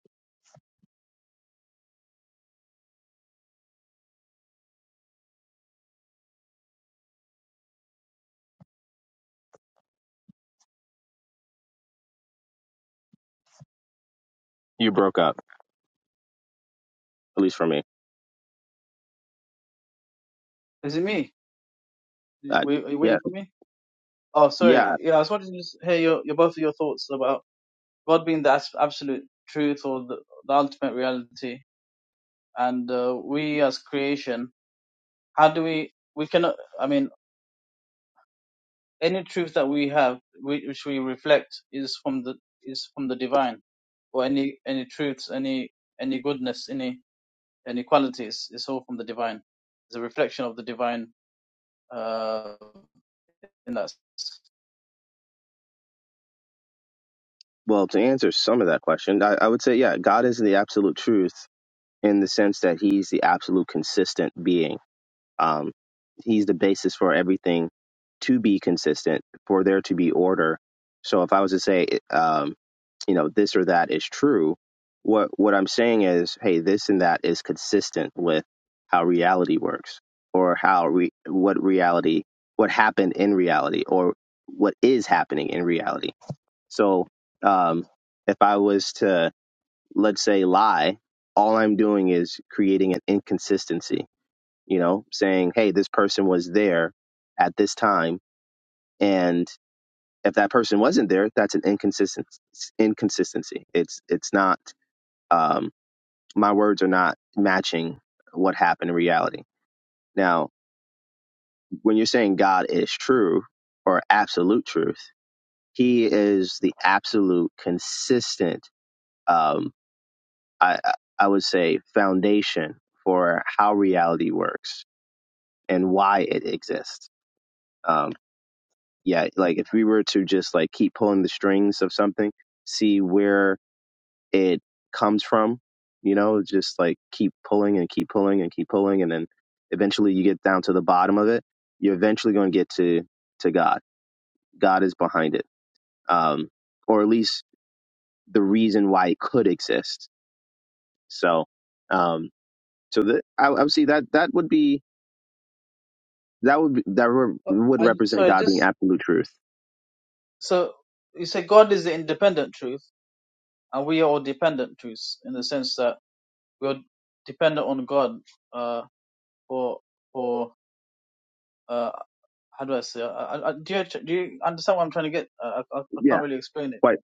Speaker 2: you broke up, at least for me.
Speaker 4: is it me
Speaker 2: Uh,
Speaker 4: we are you
Speaker 2: yeah,
Speaker 4: waiting for me oh
Speaker 2: yeah.
Speaker 4: sorry yeah i was wanting to just hear your, your both of your thoughts about god being the abs- absolute truth or the, the ultimate reality and uh, we as creation how do we we cannot i mean any truth that we have whi- which we reflect is from the is from the divine or any any truths any any goodness any any qualities is all from the divine it's a reflection of the divine uh in that
Speaker 2: Well, to answer some of that question, I, I would say, yeah, God is the absolute truth in the sense that he's the absolute consistent being Um, he's the basis for everything to be consistent, for there to be order. So if I was to say, um, you know, this or that is true, what what I'm saying is, hey, this and that is consistent with how reality works, or how re- what reality, what happened in reality, or what is happening in reality. So um, if I was to let's say lie, all I'm doing is creating an inconsistency you know, saying, hey, this person was there at this time. And if that person wasn't there, that's an inconsistent inconsistency. It's it's not um, my words are not matching what happened in reality. Now, when you're saying God is true or absolute truth, He is the absolute consistent. Um, I I would say foundation for how reality works and why it exists. Um, yeah like if we were to just like keep pulling the strings of something see where it comes from you know just like keep pulling and keep pulling and keep pulling and then eventually you get down to the bottom of it you're eventually going to get to to god god is behind it um or at least the reason why it could exist so um so that i, I would see that that would be that would be, that would
Speaker 4: Oh,
Speaker 2: would
Speaker 4: and so
Speaker 2: represent
Speaker 4: I
Speaker 2: god being
Speaker 4: just
Speaker 2: absolute truth
Speaker 4: so you say god is the independent truth and we are all dependent truths in the sense that we are dependent on god uh for for uh, how do I say? I, I, do you do you understand what I'm trying to get? I, I, I
Speaker 2: Yeah,
Speaker 4: can't really explain it.
Speaker 2: quite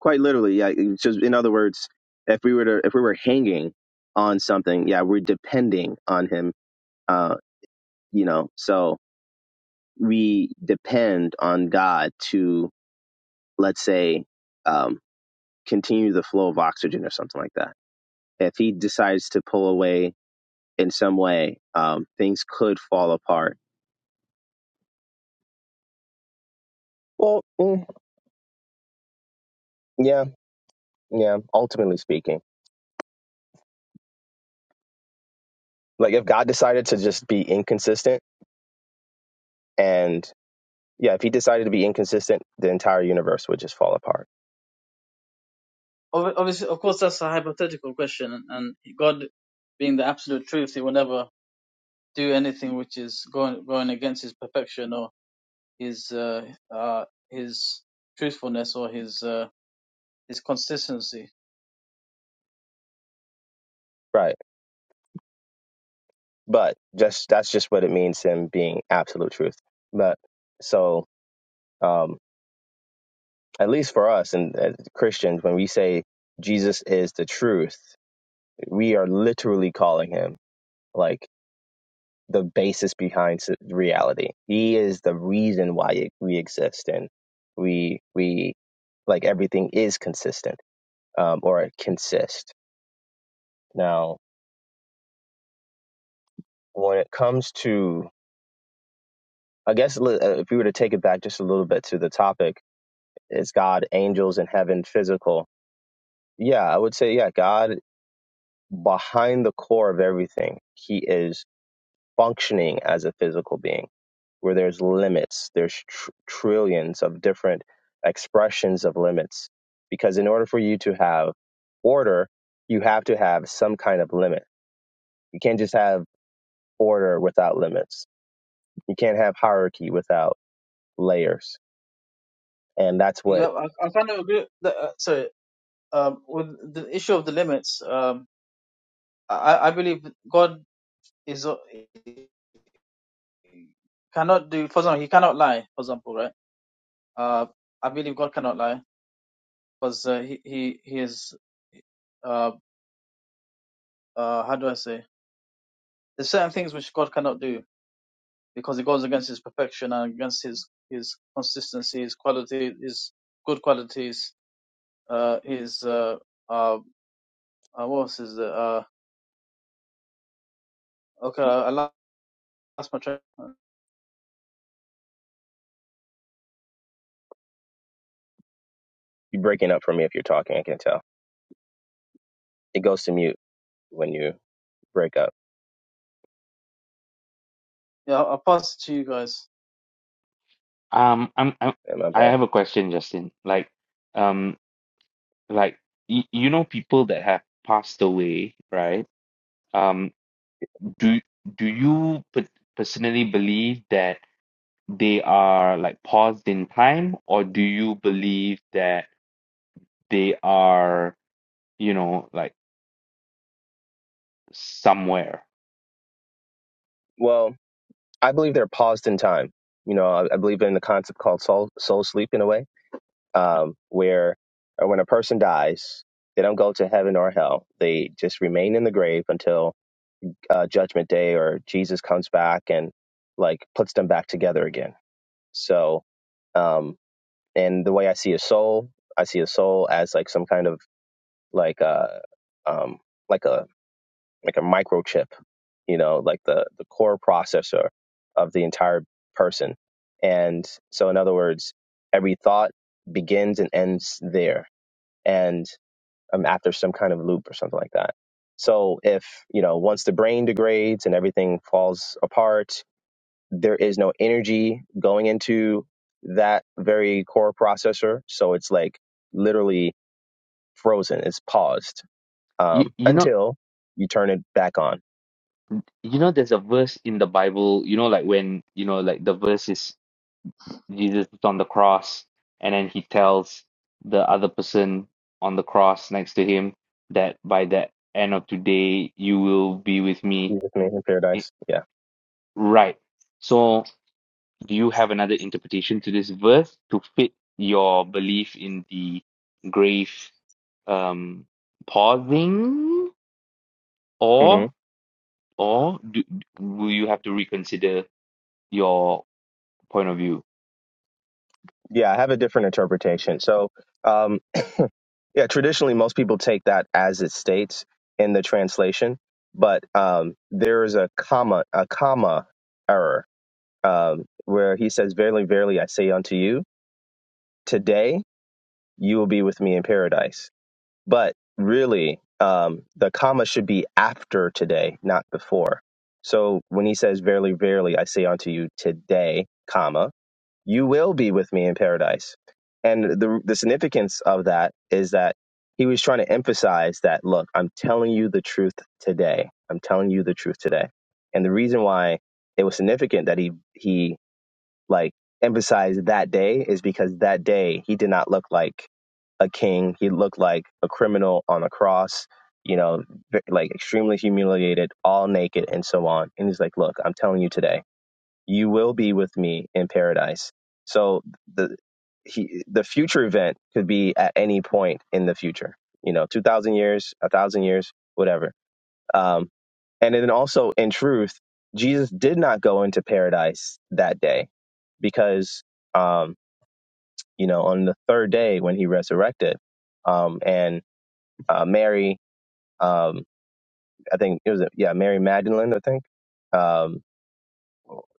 Speaker 2: quite literally. Yeah, it's just in other words, if we were to if we were hanging on something, yeah, we're depending on Him. Uh, you know, so we depend on God to let's say um, continue the flow of oxygen or something like that. If He decides to pull away in some way, um, things could fall apart. Well, mm, yeah. Yeah, ultimately speaking. Like if God decided to just be inconsistent and yeah, if he decided to be inconsistent, the entire universe would just fall apart.
Speaker 4: Ob- Obviously, of course, that's a hypothetical question, and, and God, being the absolute truth, He will never do anything which is going going against His perfection or His uh, uh, His truthfulness or His uh, His consistency.
Speaker 2: Right. But just that's just what it means him being absolute truth. But so um at least for us and as Christians, when we say Jesus is the truth, we are literally calling him like the basis behind s- reality. He is the reason why it, we exist and we we like everything is consistent um, or it consist. Now, when it comes to, I guess li- uh, if we were to take it back just a little bit to the topic, is God, angels, and heaven physical? Yeah, I would say yeah. God behind the core of everything, He is functioning as a physical being where there's limits there's tr- trillions of different expressions of limits because in order for you to have order you have to have some kind of limit you can't just have order without limits you can't have hierarchy without layers and that's what
Speaker 4: Yeah, I, I kind of agree. That, uh, sorry, um, with the issue of the limits, um, I, I believe God is cannot do. For example, He cannot lie. For example, right? Uh, I believe God cannot lie because uh, he, he, he is, uh, uh, how do I say? There's certain things which God cannot do because it goes against his perfection and against his, his consistency, his quality, his good qualities, uh, his, uh, uh, uh, what was is it? Uh, okay, I lost my train. Yeah,
Speaker 2: you're breaking up for me if you're talking i can tell it goes to mute when you break up
Speaker 4: I'll pass it to you guys.
Speaker 3: Um, I'm, I'm
Speaker 2: And my
Speaker 3: I
Speaker 2: bad?
Speaker 3: have a question, Justin. Like, um, like you, you know people that have passed away, right? Um, do do you per- personally believe that they are like paused in time, or do you believe that they are, you know, like somewhere?
Speaker 2: Well, I believe they're paused in time. You know, I, I believe in the concept called soul, soul sleep in a way, um, where or when a person dies, they don't go to heaven or hell. They just remain in the grave until uh, judgment day or Jesus comes back and like puts them back together again. So, um, and the way I see a soul, I see a soul as like some kind of like a, um, like a, like a microchip, you know, like the, the core processor of the entire person. And so, in other words, every thought begins and ends there. And um, after some kind of loop or something like that. So if you know once the brain degrades and everything falls apart, there is no energy going into that very core processor. So it's like literally frozen. It's paused
Speaker 3: You
Speaker 2: um,
Speaker 3: you know
Speaker 2: until you turn it back on.
Speaker 3: you know there's a verse in the Bible, you know, like when you know like the verse is Jesus is on the cross, and then he tells the other person on the cross next to him that by the end of today you will be with me.
Speaker 2: You with me in
Speaker 3: It-
Speaker 2: paradise? Yeah.
Speaker 3: right. So, do you have another interpretation to this verse to fit your belief in the grave um, pausing,
Speaker 2: hmm
Speaker 3: or or do, will you have to reconsider your point of view?
Speaker 2: Yeah, I have a different interpretation. So um, Yeah, traditionally, most people take that as it states in the translation, but um, there is a comma, a comma error, um, where he says, "Verily, verily, I say unto you, today you will be with me in paradise." But really, um, the comma should be after today, not before. So when he says, "Verily, verily, I say unto you, today," comma you will be with me in paradise. And the, the significance of that is that he was trying to emphasize that, look, I'm telling you the truth today. I'm telling you the truth today. And the reason why it was significant that he, he like emphasized that day is because that day he did not look like a king. He looked like a criminal on a cross, you know, like extremely humiliated, all naked and so on. And he's like, look, I'm telling you today you will be with me in paradise. So the he, the future event could be at any point in the future. You know, two thousand years, a thousand years, whatever. Um, and then also in truth, Jesus did not go into paradise that day because um, you know on the third day when he resurrected, um, and uh, Mary, um, I think it was yeah Mary Magdalene, I think. um,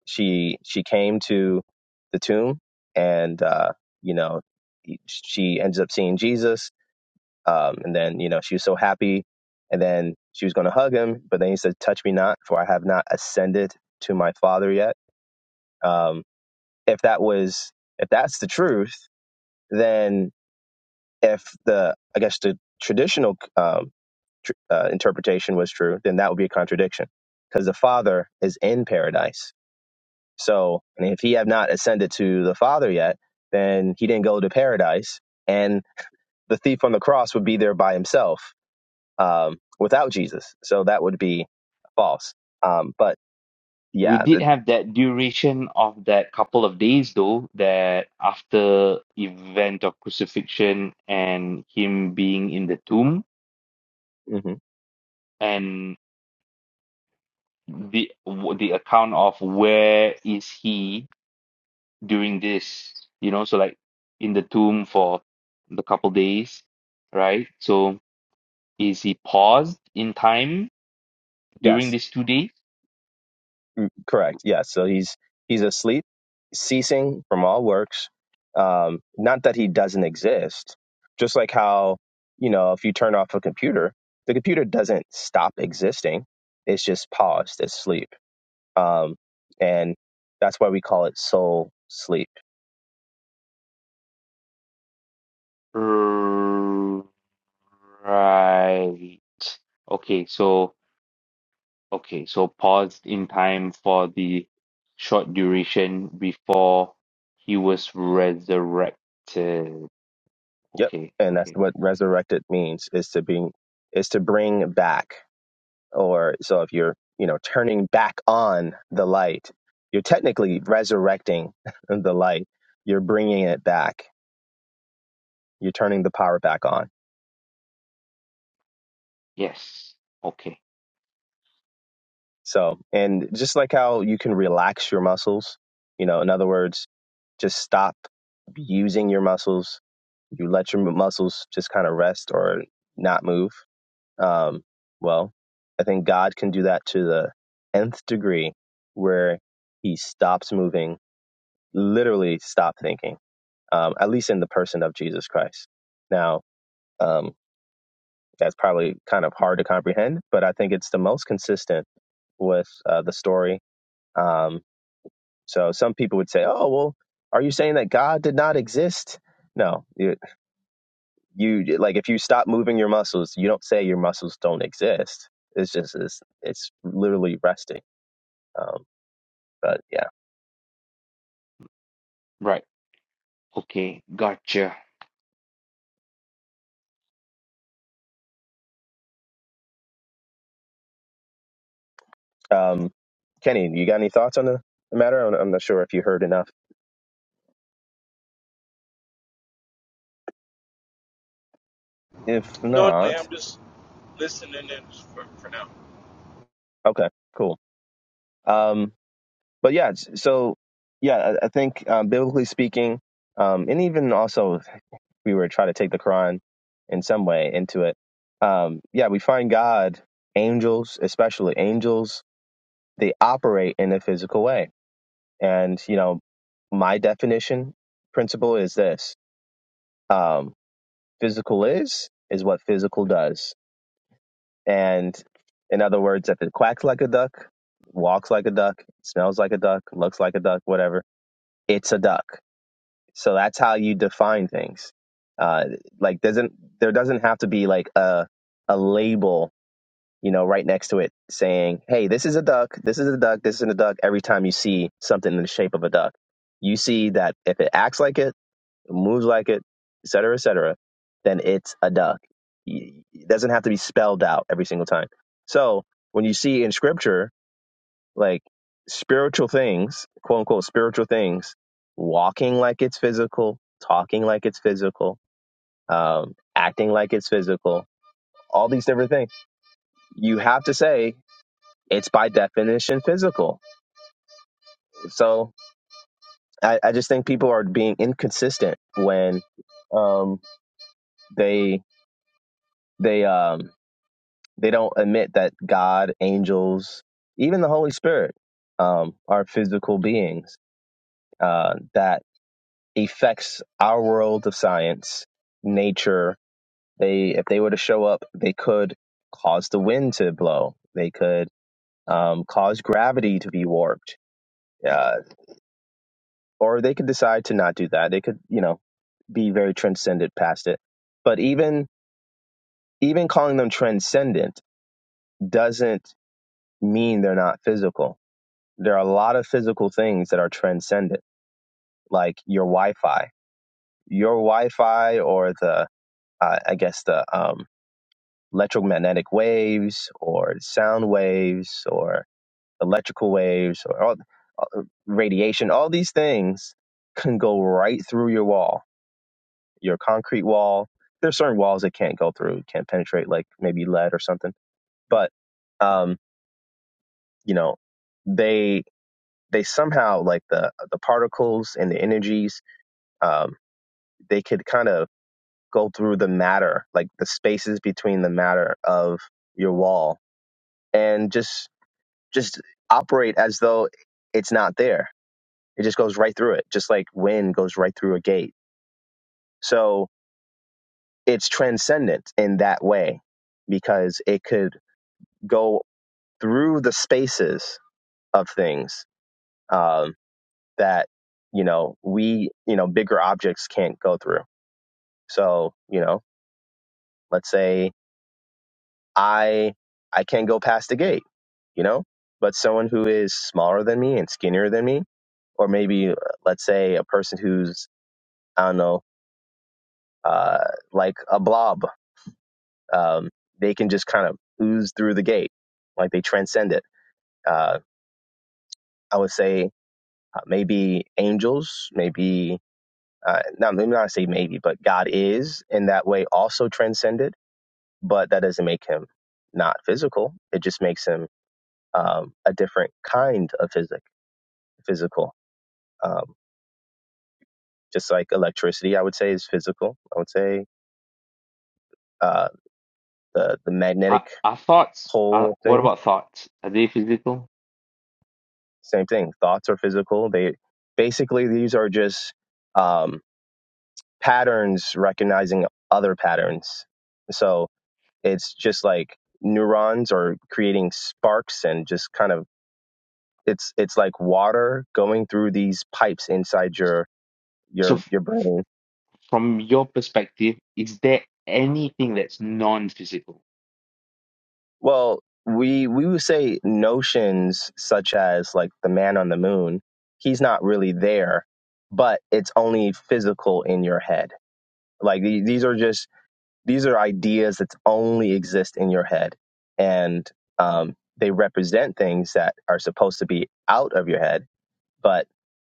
Speaker 2: she she came to the tomb and uh, you know she ends up seeing Jesus um, and then you know she was so happy and then she was going to hug him but then he said touch me not for I have not ascended to my father yet um, if that was if that's the truth then if the I guess the traditional um, tr- uh, interpretation was true then that would be a contradiction because the father is in paradise So, and if he have not ascended to the Father yet, then he didn't go to paradise, and the thief on the cross would be there by himself um, without Jesus. So that would be false. Um, but
Speaker 3: we
Speaker 2: yeah,
Speaker 3: did
Speaker 2: the,
Speaker 3: have that duration of that couple of days though that after event of crucifixion and him being in the tomb
Speaker 2: mhm.
Speaker 3: and the the account of where is he during this you know so like in the tomb for the couple days right so is he paused in time during
Speaker 2: yes,
Speaker 3: these two days
Speaker 2: correct. Yes, so he's he's asleep, ceasing from all works. Um, not that he doesn't exist. Just like how you know, if you turn off a computer, the computer doesn't stop existing. It's just paused. It's sleep. Um, and that's why we call it soul sleep.
Speaker 3: right okay so Okay, so paused in time for the short duration before he was resurrected. Okay,
Speaker 2: Yep. And that's
Speaker 3: okay.
Speaker 2: what resurrected means is to being is to bring back or so if you're, you know, turning back on the light, you're technically resurrecting the light. You're bringing it back. You're turning the power back on.
Speaker 3: Yes. Okay.
Speaker 2: So, and just like how you can relax your muscles, you know, in other words, just stop using your muscles. You let your muscles just kind of rest or not move Um, well, I think God can do that to the nth degree where he stops moving, literally stop thinking, um, at least in the person of Jesus Christ. Now, um, that's probably kind of hard to comprehend, but I think it's the most consistent with uh, the story. Um, so some people would say, oh, well, are you saying that God did not exist? No, you like if you stop moving your muscles you don't say your muscles don't exist it's just it's, it's literally resting um but yeah
Speaker 3: Right. Okay. Gotcha.
Speaker 2: um kenny you got any thoughts on the, the matter I'm, I'm not sure if you heard enough if
Speaker 5: No,
Speaker 2: not
Speaker 5: I'm just listening in for, for now.
Speaker 2: okay cool um but yeah s- so yeah i, I think um, biblically speaking um and even also if we were to try to take the quran in some way into it um yeah we find god angels especially angels they operate in a physical way And, you know, my definition principle is this um, physical is, is what physical does. And in other words, if it quacks like a duck, walks like a duck, smells like a duck, looks like a duck, whatever, it's a duck. So that's how you define things. Uh, like doesn't there doesn't have to be like a a label, you know, right next to it saying, "Hey, this is a duck. This is a duck. This is a duck." Every time you see something in the shape of a duck, you see that if it acts like it moves like it, et cetera, et cetera, then it's a duck. It doesn't have to be spelled out every single time. So when you see in scripture, like spiritual things, quote unquote, spiritual things, walking like it's physical, talking like it's physical, um, acting like it's physical, all these different things, you have to say it's by definition physical. So I, I just think people are being inconsistent when um, they they um, They don't admit that God, angels, even the Holy Spirit um, are physical beings uh, that affects our world of science, nature. They, if they were to show up, they could cause the wind to blow. They could um, cause gravity to be warped, uh, or they could decide to not do that. They could, you know, be very transcendent past it. But even even calling them transcendent doesn't mean they're not physical there are a lot of physical things that are transcendent, like your Wi-Fi, your Wi-Fi, or the uh, I guess the um, electromagnetic waves, or sound waves, or electrical waves, or all, radiation. All these things can go right through your wall, your concrete wall. There's certain walls that can't go through, can't penetrate, like maybe lead or something. But um, you know, they they somehow like the the particles and the energies. Um, they could kind of go through the matter, like the spaces between the matter of your wall, and just just operate as though it's not there. It just goes right through it, just like wind goes right through a gate. So it's transcendent in that way because it could go through the spaces of things um, that you know we you know bigger objects can't go through. So you know, let's say I I can't go past the gate, you know. But someone who is smaller than me and skinnier than me, or maybe uh, let's say a person who's I don't know, uh, like a blob, um, they can just kind of ooze through the gate, like they transcend it. Uh, I would say uh, maybe angels, maybe uh, not. Let me not say maybe, but God is in that way also transcended, but that doesn't make him not physical. It just makes him um, a different kind of physics physical. Um, just like electricity, I would say is physical. I would say uh, the the
Speaker 3: Are,
Speaker 2: magnetic
Speaker 3: are thoughts, are,
Speaker 2: pole thing,
Speaker 3: what about thoughts? Are they physical?
Speaker 2: same thing. Thoughts are physical. They basically these are just um, patterns recognizing other patterns. So it's just like neurons are creating sparks and just kind of it's it's like water going through these pipes inside your
Speaker 3: So,
Speaker 2: your
Speaker 3: f-
Speaker 2: your brain
Speaker 3: from your perspective, is there anything that's non-physical?
Speaker 2: Well, we we would say notions such as like the man on the moon, he's not really there, but it's only physical in your head. Like the- these are just these are ideas that only exist in your head, and um, they represent things that are supposed to be out of your head, but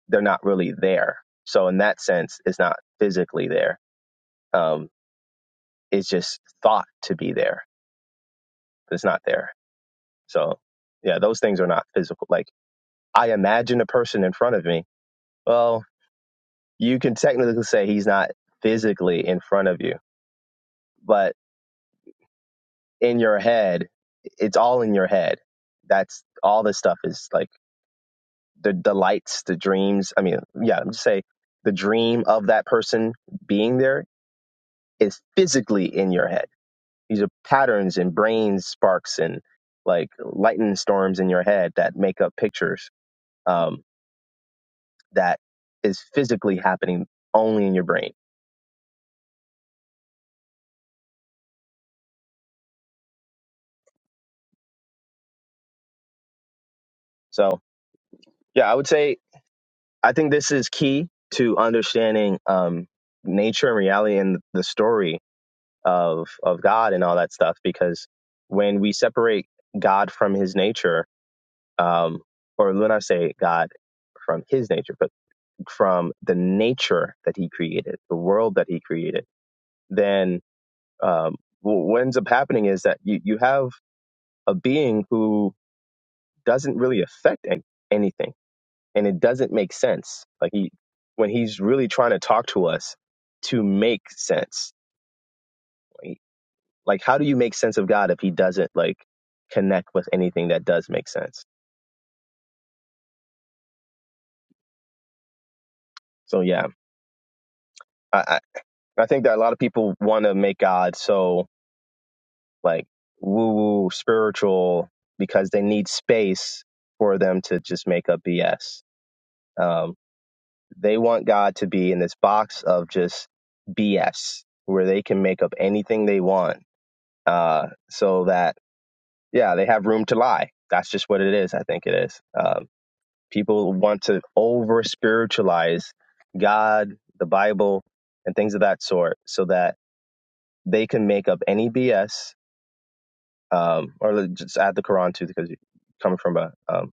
Speaker 2: they're not really there. So in that sense, it's not physically there. Um, it's just thought to be there, but it's not there. So yeah, those things are not physical. Like I imagine a person in front of me. Well, you can technically say he's not physically in front of you, but in your head, it's all in your head. That's all this stuff is like the the lights, the dreams. I mean, yeah, I'm just say the dream of that person being there is physically in your head. These are patterns and brain sparks and like lightning storms in your head that make up pictures um, that is physically happening only in your brain. So Yeah, I would say I think this is key to understanding um, nature and reality and the story of of God and all that stuff. Because when we separate God from His nature, um, or when I say God from His nature, but from the nature that He created, the world that He created, then um, wh- what ends up happening is that you you have a being who doesn't really affect any, anything and it doesn't make sense. Like he, when he's really trying to talk to us to make sense, like like, how do you make sense of God if he doesn't like connect with anything that does make sense? So yeah, I I, I think that a lot of people want to make God so like woo woo spiritual because they need space for them to just make up BS. Um, they want God to be in this box of just BS where they can make up anything they want uh, so that yeah, they have room to lie. That's just what it is. I think it is. Um, people want to over spiritualize God, the Bible, and things of that sort, so that they can make up any BS. Um, or let- just add the Quran too, because you're coming from a um,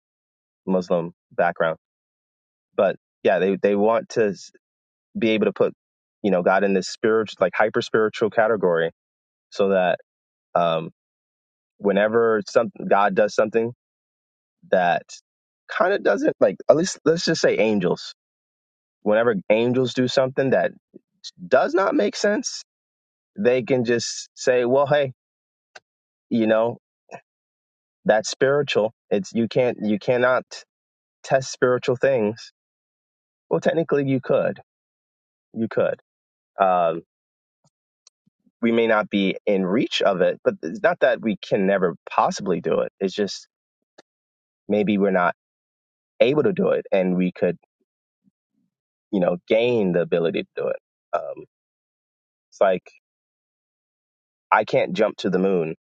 Speaker 2: Muslim background. But yeah, they they want to s- be able to put you know God in this spiritual, like hyper spiritual category, so that um, whenever some God does something that kind of doesn't like at least let's just say angels whenever angels do something that does not make sense they can just say well hey you know that's spiritual it's you can't you cannot test spiritual things well technically you could you could um, we may not be in reach of it but it's not that we can never possibly do it it's just maybe we're not able to do it and we could you know gain the ability to do it um, it's like i can't jump to the moon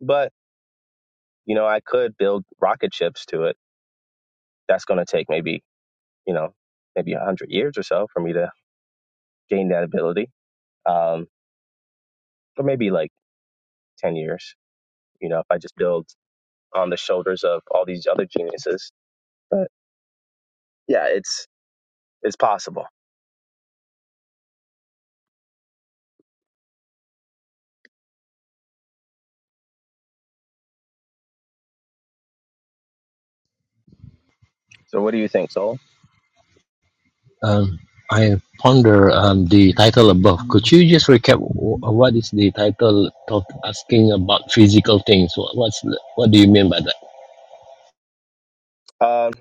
Speaker 2: But, you know, I could build rocket ships to it. That's going to take maybe, you know, maybe 100 years or so for me to gain that ability, um, or maybe like 10 years, you know, if I just build on the shoulders of all these other geniuses. But yeah, it's it's possible. So what do you think, Soul?
Speaker 6: Um, I ponder um, the title above. Could you just recap wh- what is the title of asking about physical things? Wha- What's the, what do you mean by that?
Speaker 2: Um,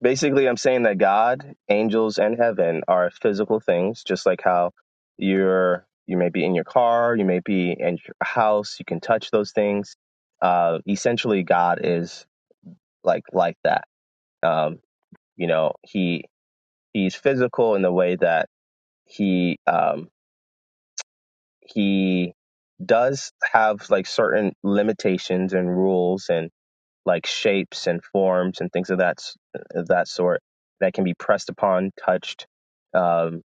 Speaker 2: basically i'm saying that god angels and heaven are physical things just like how you're you may be in your car you may be in your house you can touch those things uh essentially god is like like that um you know he he's physical in the way that he um he does have like certain limitations and rules and. like shapes and forms and things of that of that sort that can be pressed upon, touched. Um,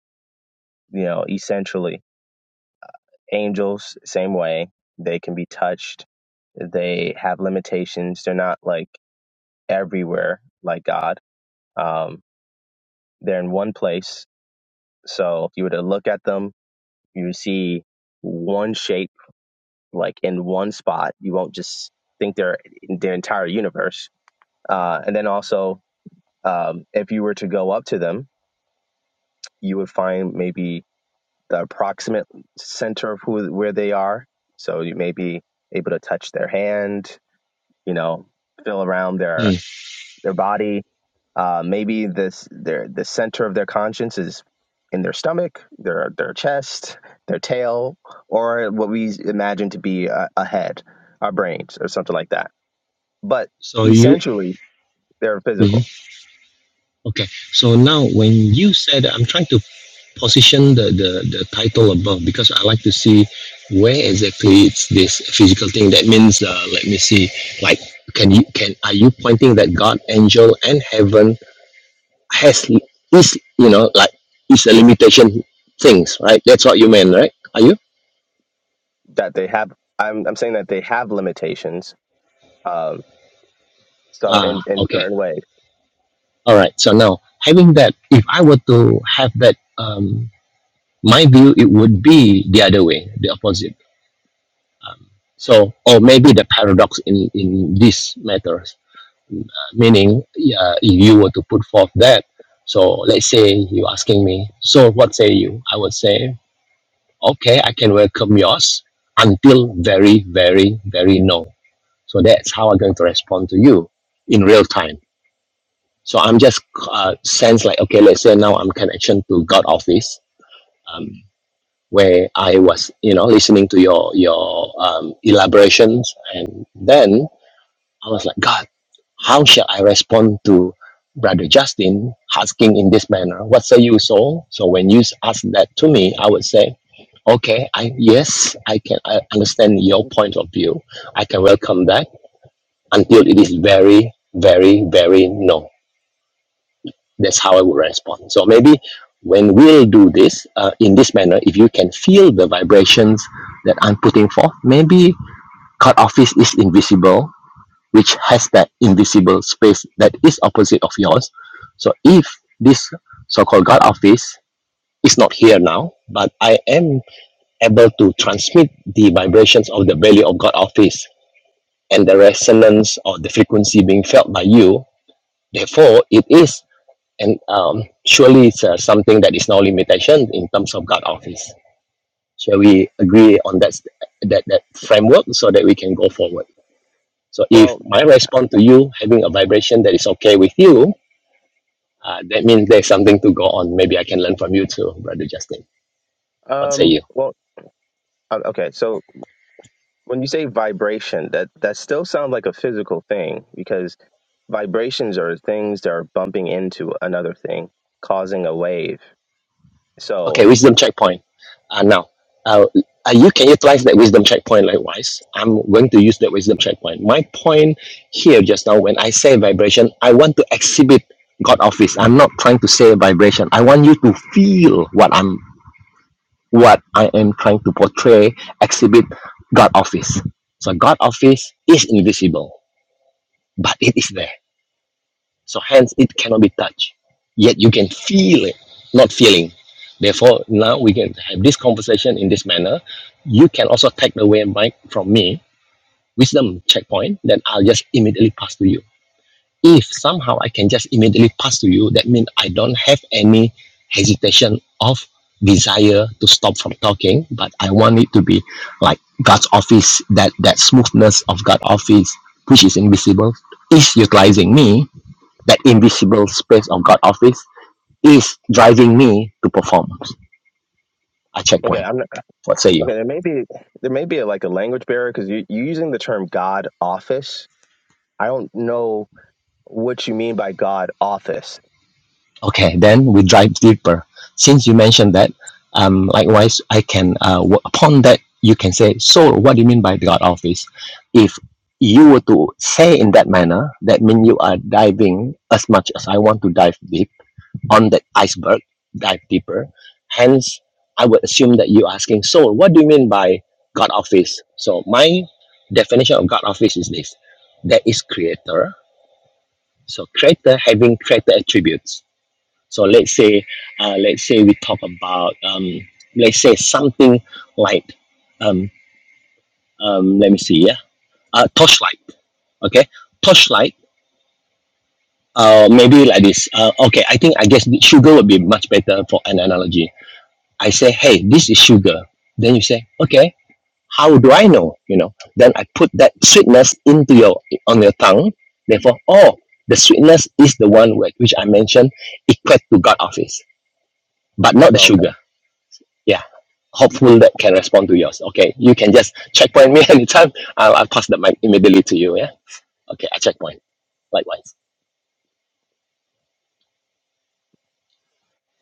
Speaker 2: you know, essentially, angels same way they can be touched. They have limitations. They're not like everywhere like God. Um, they're in one place. So if you were to look at them, you would see one shape like in one spot. You won't just think they're in their entire universe. Uh, and then also, um, if you were to go up to them, you would find maybe the approximate center of who where they are. So you may be able to touch their hand, you know, feel around their
Speaker 6: Mm.
Speaker 2: their body. Uh, maybe this their the center of their conscience is in their stomach, their their chest, their tail, or what we imagine to be a, a head, our brains, or something like that. But
Speaker 6: So you
Speaker 2: essentially, they're
Speaker 6: mhm.
Speaker 2: physical.
Speaker 6: okay? So now when you said I'm trying to position the, the the title above because I like to see where exactly it's this physical thing. That means uh, let me see. Like can you can are you pointing that God, angel, and heaven has is you know like is a limitation things right that's what you meant right are you
Speaker 2: That they have. I'm I'm saying that they have limitations. Um, so
Speaker 6: ah
Speaker 2: in in
Speaker 6: okay
Speaker 2: certain ways.
Speaker 6: all right so now having that if i were to have that um my view it would be the other way the opposite um, so or maybe the paradox in in this matters meaning uh, if you were to put forth that so let's say you're asking me so what say you i would say okay i can welcome yours until very very very no So that's how I'm going to respond to you in real time. So I'm just uh, sense like, okay, let's say now I'm connection to God office, um, where I was, you know, listening to your your um, elaborations, and then I was like, God, how shall I respond to Brother Justin asking in this manner? What say you, soul? So when you ask that to me, I would say, okay, I yes, I can I understand your point of view. I can welcome that until it is very, very, very no. That's how I would respond. So maybe when we'll do this uh, in this manner, if you can feel the vibrations that I'm putting forth, maybe cut office is invisible, which has that invisible space that is opposite of yours. So if this so-called God office is not here now, but I am able to transmit the vibrations of the value of God office and the resonance or the frequency being felt by you Therefore, it is, and um, surely it's uh, something that is no limitation in terms of God office. Shall we agree on that, that that framework so that we can go forward? So, if
Speaker 2: Well,
Speaker 6: my response to you having a vibration that is okay with you, uh, that means there's something to go on. Maybe I can learn from you too, Brother Justin. What say
Speaker 2: um,
Speaker 6: you?
Speaker 2: well, uh, okay. So when you say vibration, that that still sounds like a physical thing because vibrations are things that are bumping into another thing, causing a wave.
Speaker 6: Okay,
Speaker 2: So
Speaker 6: wisdom checkpoint. Uh, now, uh, uh, you can utilize that wisdom checkpoint likewise. I'm going to use that wisdom checkpoint. My point here just now, when I say vibration, I want to exhibit God office. I'm not trying to say vibration. I want you to feel what I'm what I am trying to portray, exhibit God office. So God office is invisible, but it is there. So hence it cannot be touched. Yet you can feel it, not feeling. Therefore, now we can have this conversation in this manner. You can also take away mic from me, wisdom checkpoint, then I'll just immediately pass to you. If somehow I can just immediately pass to you, that means I don't have any hesitation of desire to stop from talking, but I want it to be like God's office, that that smoothness of God's office, which is invisible, is utilizing me that invisible space of God office is driving me to perform a
Speaker 2: okay,
Speaker 6: checkpoint.
Speaker 2: I'm not,
Speaker 6: What say you?
Speaker 2: okay. There may be there may be like a language barrier because you, you're using the term God office. I don't know what you mean by God office.
Speaker 6: Okay, then we drive deeper. Since you mentioned that, um, likewise, I can, uh, upon that, you can say, so what do you mean by the God office? If you were to say in that manner, that means you are diving as much as I want to dive deep on the iceberg, dive deeper. Hence, I would assume that you're asking, so what do you mean by God office? So my definition of God office is this. There is creator. So creator having creator attributes. So let's say, uh, let's say we talk about, um, let's say something like, um, um, let me see, yeah, uh, torchlight. Okay, torchlight. Uh, maybe like this. Uh, okay, I think I guess sugar would be much better for an analogy I say, hey, this is sugar. Then you say, okay, how do I know? You know, then I put that sweetness into your on your tongue. Therefore, oh, the sweetness is the one whi- which I mentioned equate to God office, but not the
Speaker 2: Okay.
Speaker 6: sugar. Yeah. Hopeful that can respond to yours. Okay, you can just checkpoint me anytime. I'll, I'll pass the mic immediately to you. Yeah. Okay, I checkpoint. Likewise.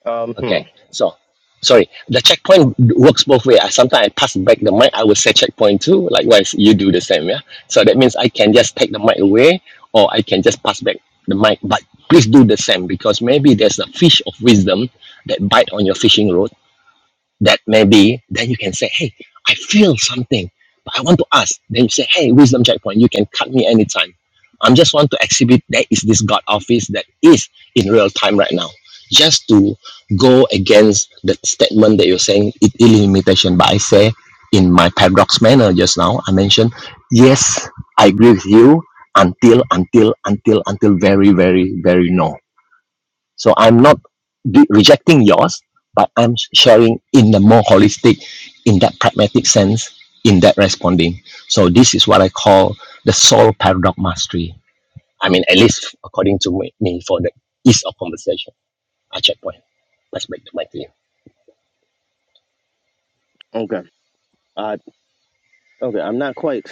Speaker 2: Um. Hmm.
Speaker 6: Okay. So, sorry. The checkpoint works both way. I Sometimes I pass back the mic. I will say checkpoint too. Likewise, you do the same. Yeah. So that means I can just take the mic away, or I can just pass back the mic. But please do the same because maybe there's a fish of wisdom that bite on your fishing rod that may be, then you can say, hey, I feel something, but I want to ask. Then you say, hey, wisdom checkpoint, you can cut me anytime. I'm just want to exhibit there is this God office that is in real time right now. Just to go against the statement that you're saying, it is limitation. But I say in my paradox manner just now, I mentioned, yes, I agree with you until, until, until, until very, very, very no so I'm not de- rejecting yours, but I'm sharing in the more holistic, in that pragmatic sense, in that responding. So this is what I call the soul paradox mastery. I mean, at least according to me, me for the ease of conversation, I checkpoint. Let's back to my team.
Speaker 2: Okay. Uh, okay. I'm not quite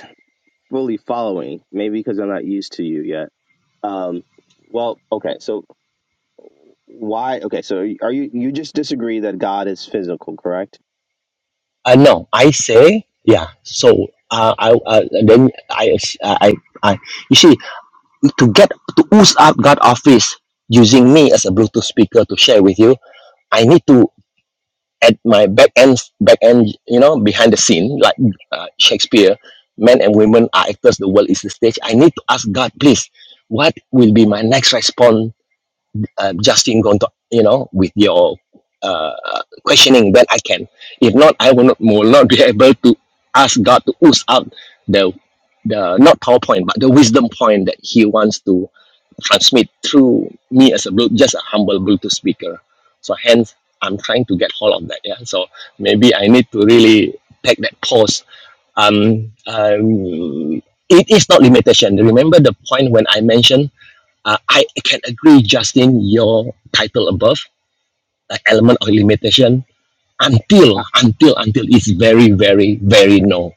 Speaker 2: fully following, maybe because I'm not used to you yet. Um, well, okay. So why? Okay. So are you, you just disagree that God is physical, correct?
Speaker 6: Uh, no, I say, yeah. So uh, I uh, then I, uh, I I you see to get to ooze up God office using me as a Bluetooth speaker to share with you. I need to at my back end back end you know behind the scene like uh, shakespeare men and women are actors the world is the stage i need to ask god please what will be my next response um, Justin going to you know with your uh, questioning when I can. If not, I will not will not be able to ask God to ooze out the the not PowerPoint but the wisdom point that He wants to transmit through me as a Blu- just a humble Bluetooth speaker. So hence, I'm trying to get hold of that. Yeah. So maybe I need to really take that pause. Um, um, it is not limitation. Remember the point when I mentioned uh, I can agree, Justin, your title above, the element of limitation, until,
Speaker 2: I,
Speaker 6: until, until it's very, very, very no.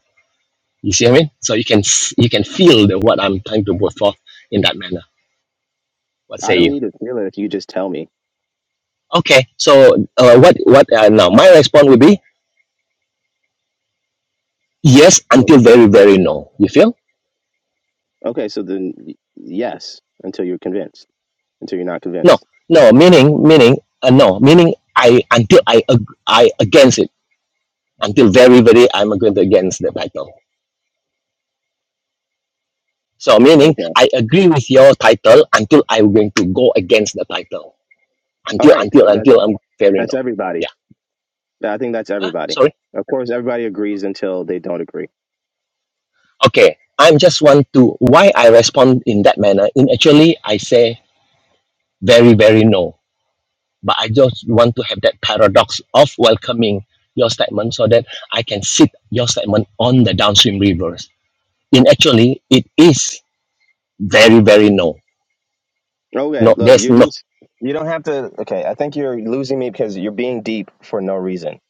Speaker 6: You see what I mean? So you can s- you can feel the, what I'm trying to put forth in that manner. What
Speaker 2: I
Speaker 6: say
Speaker 2: don't
Speaker 6: you?
Speaker 2: need to feel it if you just tell me.
Speaker 6: Okay, so uh, what what uh, now? My response would be yes until very, very no. You feel?
Speaker 2: Okay, so then y- yes, until you're convinced, until you're not
Speaker 6: No,
Speaker 2: convinced.
Speaker 6: no. Meaning, meaning, uh, no. Meaning, I until I ag- I against it until very, very I'm going to against the title So,
Speaker 2: Okay.
Speaker 6: meaning I agree with your title until I'm going to go against the title.
Speaker 2: All
Speaker 6: Until,
Speaker 2: right.
Speaker 6: until,
Speaker 2: So that's
Speaker 6: until I'm fair
Speaker 2: that's
Speaker 6: enough.
Speaker 2: everybody.
Speaker 6: Yeah.
Speaker 2: I think that's
Speaker 6: Huh?
Speaker 2: everybody.
Speaker 6: Sorry.
Speaker 2: Of course, everybody agrees until they don't agree.
Speaker 6: Okay. I'm just want to why I respond in that manner. In actually, I say very, very no. But I just want to have that paradox of welcoming your statement so that I can sit your statement on the downstream reverse. In actually, it is very, very no.
Speaker 2: Okay.
Speaker 6: No,
Speaker 2: Look,
Speaker 6: there's
Speaker 2: you
Speaker 6: no
Speaker 2: just you don't have to. Okay. I think you're losing me because you're being deep for no reason.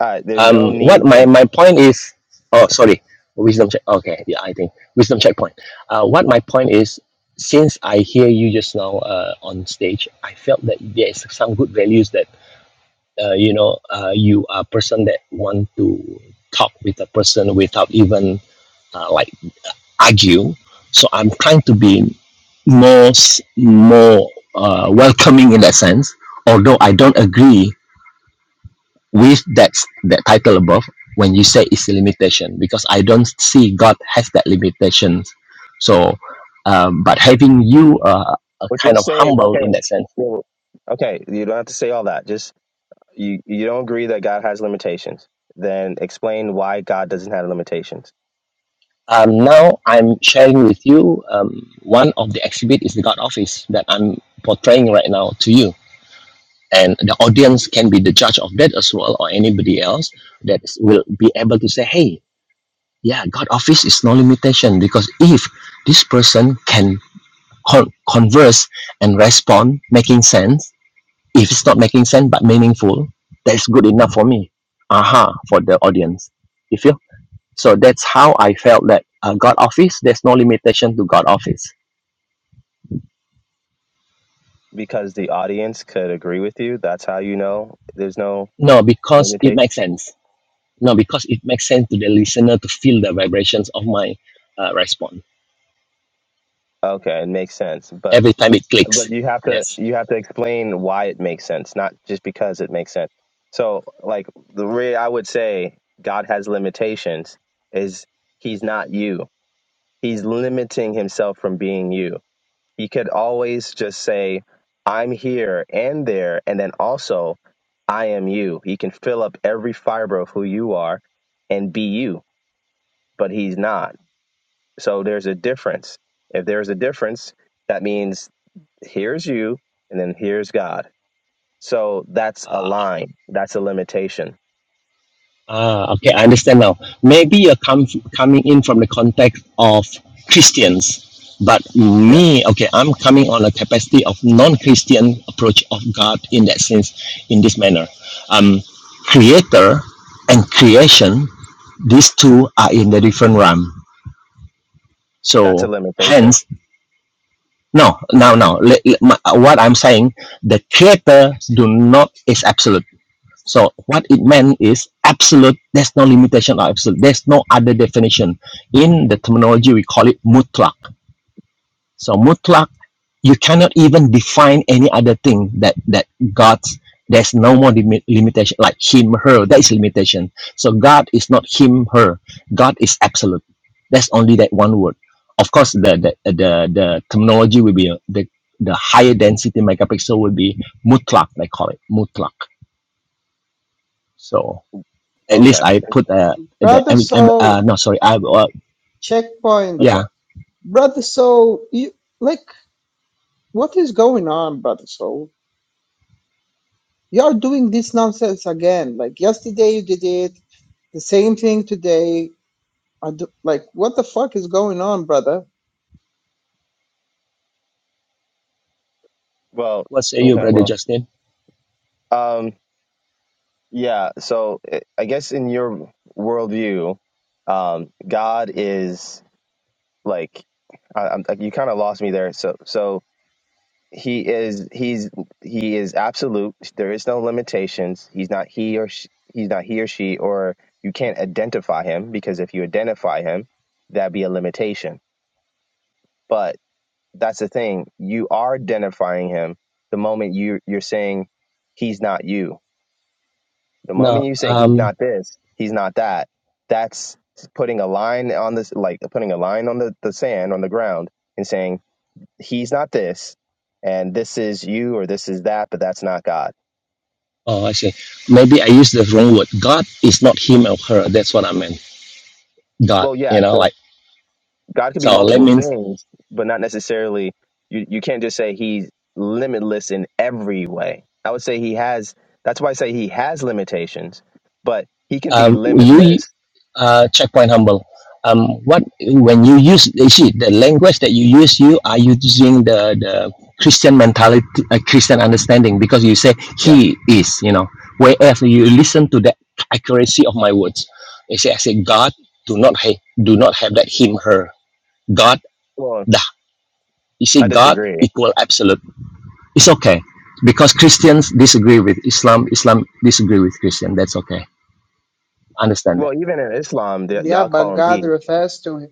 Speaker 2: All right. There's no
Speaker 6: um
Speaker 2: need
Speaker 6: what my
Speaker 2: to.
Speaker 6: my point is oh sorry wisdom check okay yeah i think wisdom checkpoint uh what my point is since i hear you just now uh, on stage i felt that there is some good values that uh, you know uh, you are a person that want to talk with a person without even uh, like argue so i'm trying to be more s- more uh, welcoming in that sense although i don't agree with that that title above when you say it's a limitation because i don't see god has that limitations so um, but having you uh, uh,
Speaker 2: Well,
Speaker 6: kind
Speaker 2: just
Speaker 6: of
Speaker 2: say
Speaker 6: humble in
Speaker 2: okay.
Speaker 6: that sense
Speaker 2: Well, okay. You don't have to say all that. Just you you don't agree that God has limitations. Then explain why God doesn't have limitations
Speaker 6: um, now i'm sharing with you um, one of the exhibit is the god office that i'm portraying right now to you and the audience can be the judge of that as well or anybody else that is- will be able to say hey yeah god office is no limitation because if this person can con- converse and respond making sense if it's not making sense but meaningful that's good enough for me aha for the audience you feel so that's how i felt that uh, god office there's no limitation to god office
Speaker 2: because the audience could agree with you. That's how you know there's no
Speaker 6: no because it
Speaker 2: limitation.
Speaker 6: makes sense no because it makes sense to the listener to feel the vibrations of my uh, response
Speaker 2: Okay, it makes sense, but
Speaker 6: every time it clicks
Speaker 2: but you have to
Speaker 6: yes
Speaker 2: you have to explain why it makes sense, not just because it makes sense. So, like the way I would say God has limitations is he's not you. He's limiting himself from being you. He could always just say, "I'm here and there," and then also, "I am you." He can fill up every fiber of who you are and be you but he's not. So there's a difference. If there's a difference, that means here's you and then here's God. So that's a
Speaker 6: Uh,
Speaker 2: line. That's a limitation.
Speaker 6: Ah, okay, I understand now. Maybe you're com- coming in from the context of Christians, but
Speaker 2: Yeah.
Speaker 6: me, okay, I'm coming on a capacity of non-Christian approach of God in that sense, in this manner. Um, creator and creation, these two are in the different realm.
Speaker 2: That's a
Speaker 6: So,
Speaker 2: limitation.
Speaker 6: hence, no, no, no. le- le- my- what I'm saying, the creator do not is absolute so what it meant is absolute. There's no limitation or absolute. There's no other definition. In the terminology, we call it mutlak. So mutlak, you cannot even define any other thing that that God's. There's no more limi- limitation like him, her. That is limitation. So God is not him, her. God is absolute. That's only that one word. Of course, the the the, the terminology will be uh, the the higher density megapixel will be mutlak. They call it mutlak. So. At least
Speaker 2: Okay.
Speaker 6: I put uh, the I
Speaker 7: Brother
Speaker 6: am I'm uh
Speaker 7: Soul,
Speaker 6: no sorry I uh,
Speaker 7: checkpoint.
Speaker 6: yeah.
Speaker 2: Okay.
Speaker 7: Brother Soul, you like what is going on, Brother Soul? You're doing this nonsense again. Like yesterday you did it, the same thing today. I do, like what the fuck is going on, brother?
Speaker 2: Well,
Speaker 6: What say you,
Speaker 2: okay.
Speaker 6: brother
Speaker 2: Well,
Speaker 6: Justin?
Speaker 2: um, yeah. So I I guess in your worldview, um, God is like, I, I'm, like, you kind of lost me there. So, so he is he's he is absolute there is no limitations he's not he or she, he's not he or she or you can't identify him because if you identify him that'd be a limitation but that's the thing you are identifying him the moment you you're saying he's not you the
Speaker 6: No,
Speaker 2: moment you say he's
Speaker 6: um,
Speaker 2: not this he's not that that's putting a line on this like putting a line on the, the sand on the ground and saying he's not this and this is you or this is that but that's not god
Speaker 6: oh, I see. Maybe I used the wrong word. God is not him or her. That's what I meant. God,
Speaker 2: well yeah
Speaker 6: you know,
Speaker 2: so
Speaker 6: like
Speaker 2: god could be
Speaker 6: so. That
Speaker 2: multiple
Speaker 6: means
Speaker 2: things but not necessarily you, you can't just say he's limitless in every way i would say he has that's why i say he has limitations but he can be
Speaker 6: um, you
Speaker 2: limitless
Speaker 6: uh, checkpoint humble um, what when you use you see the language that you use you are using the the christian mentality uh, christian understanding because you say
Speaker 2: yeah
Speaker 6: he is you know whereas you listen to the accuracy of my words you say i say god do not ha- do not have that him her god
Speaker 2: well
Speaker 6: the you see
Speaker 2: i
Speaker 6: god
Speaker 2: disagree
Speaker 6: equal absolute it's okay because christians disagree with islam islam disagree with christian that's okay understand that
Speaker 2: well even in islam they,
Speaker 7: Yeah,
Speaker 2: y'all
Speaker 7: but
Speaker 2: call him
Speaker 7: God
Speaker 2: he
Speaker 7: refers to him.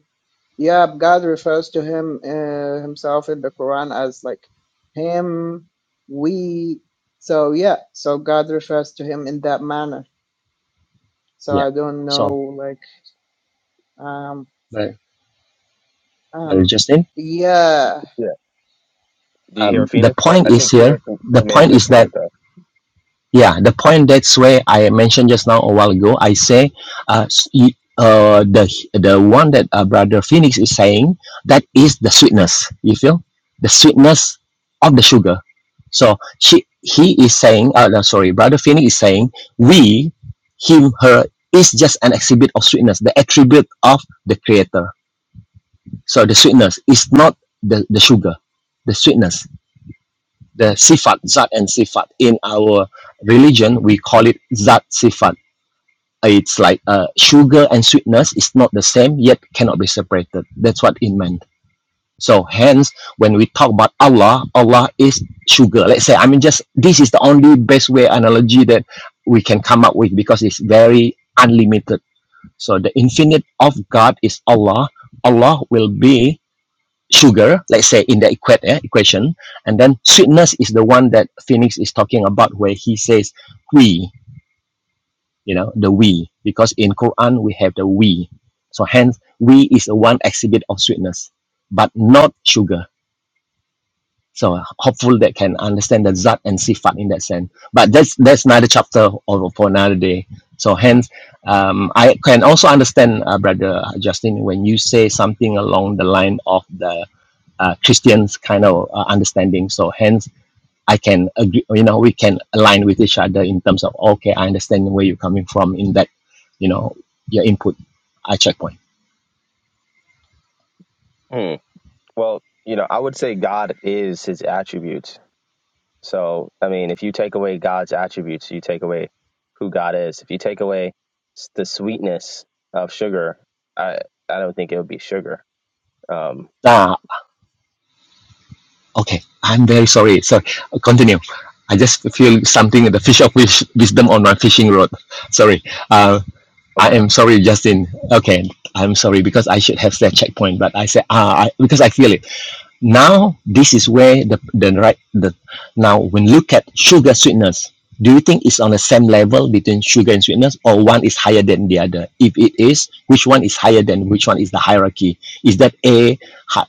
Speaker 7: Yeah, God refers to him uh, himself in the Quran as like him, we. So yeah, so God refers to him in that manner. So
Speaker 6: yeah
Speaker 7: I don't know,
Speaker 6: so
Speaker 7: like. um
Speaker 6: but. Well,
Speaker 7: Um,
Speaker 6: Justin,
Speaker 7: yeah.
Speaker 2: yeah do you hear
Speaker 6: um, the
Speaker 2: phoenix i
Speaker 6: point
Speaker 2: I
Speaker 6: is
Speaker 2: think
Speaker 6: here.
Speaker 2: phoenix
Speaker 6: The
Speaker 2: still made a
Speaker 6: point
Speaker 2: good
Speaker 6: is
Speaker 2: point
Speaker 6: that
Speaker 2: though
Speaker 6: yeah, the point that's where I mentioned just now a while ago. I say, uh, s- y- uh, the the one that uh, Brother Phoenix is saying that is the sweetness. You feel the sweetness of the sugar. So she he is saying, uh, no, sorry, Brother Phoenix is saying we, him, her is just an exhibit of sweetness, the attribute of the Creator. So the sweetness is not the the sugar, the sweetness. the sifat, zat and sifat. In our religion, we call it zat sifat. It's like uh, sugar and sweetness is not the same, yet cannot be separated. That's what it meant. So hence, when we talk about Allah, Allah is sugar. Let's say, I mean, just this is the only best way analogy that we can come up with because it's very unlimited. So the infinite of God is Allah. Allah will be sugar, let's say in the equa- eh, equation, and then sweetness is the one that Phoenix is talking about, where he says we, you know, the we, because in Quran we have the we, so hence we is the one exhibit of sweetness, but not sugar. So hopefully that can understand the zat and sifat in that sense. But that's that's another chapter or for another day. So hence, um, I can also understand, uh, brother Justin, when you say something along the line of the uh, Christian's kind of uh, understanding. So hence, I can agree. You know, we can align with each other in terms of okay, I understand where you're coming from in that, you know, your input, I checkpoint.
Speaker 2: hmm. well you know i would say god is his attributes So, I mean, if you take away God's attributes, you take away who God is. If you take away s- the sweetness of sugar, I I don't think it would be sugar. Um,
Speaker 6: Ah, okay. I'm very sorry. So continue. I just feel something the fish of wish, wisdom on my fishing rod. Sorry. Uh, I
Speaker 2: okay.
Speaker 6: am sorry, Justin. Okay, I'm sorry because I should have said checkpoint, but I said ah I, because I feel it Now this is where the the right the now when you look at sugar sweetness, do you think it's on the same level between sugar and sweetness, or one is higher than the other? If it is, which one is higher than which one is the hierarchy? Is that A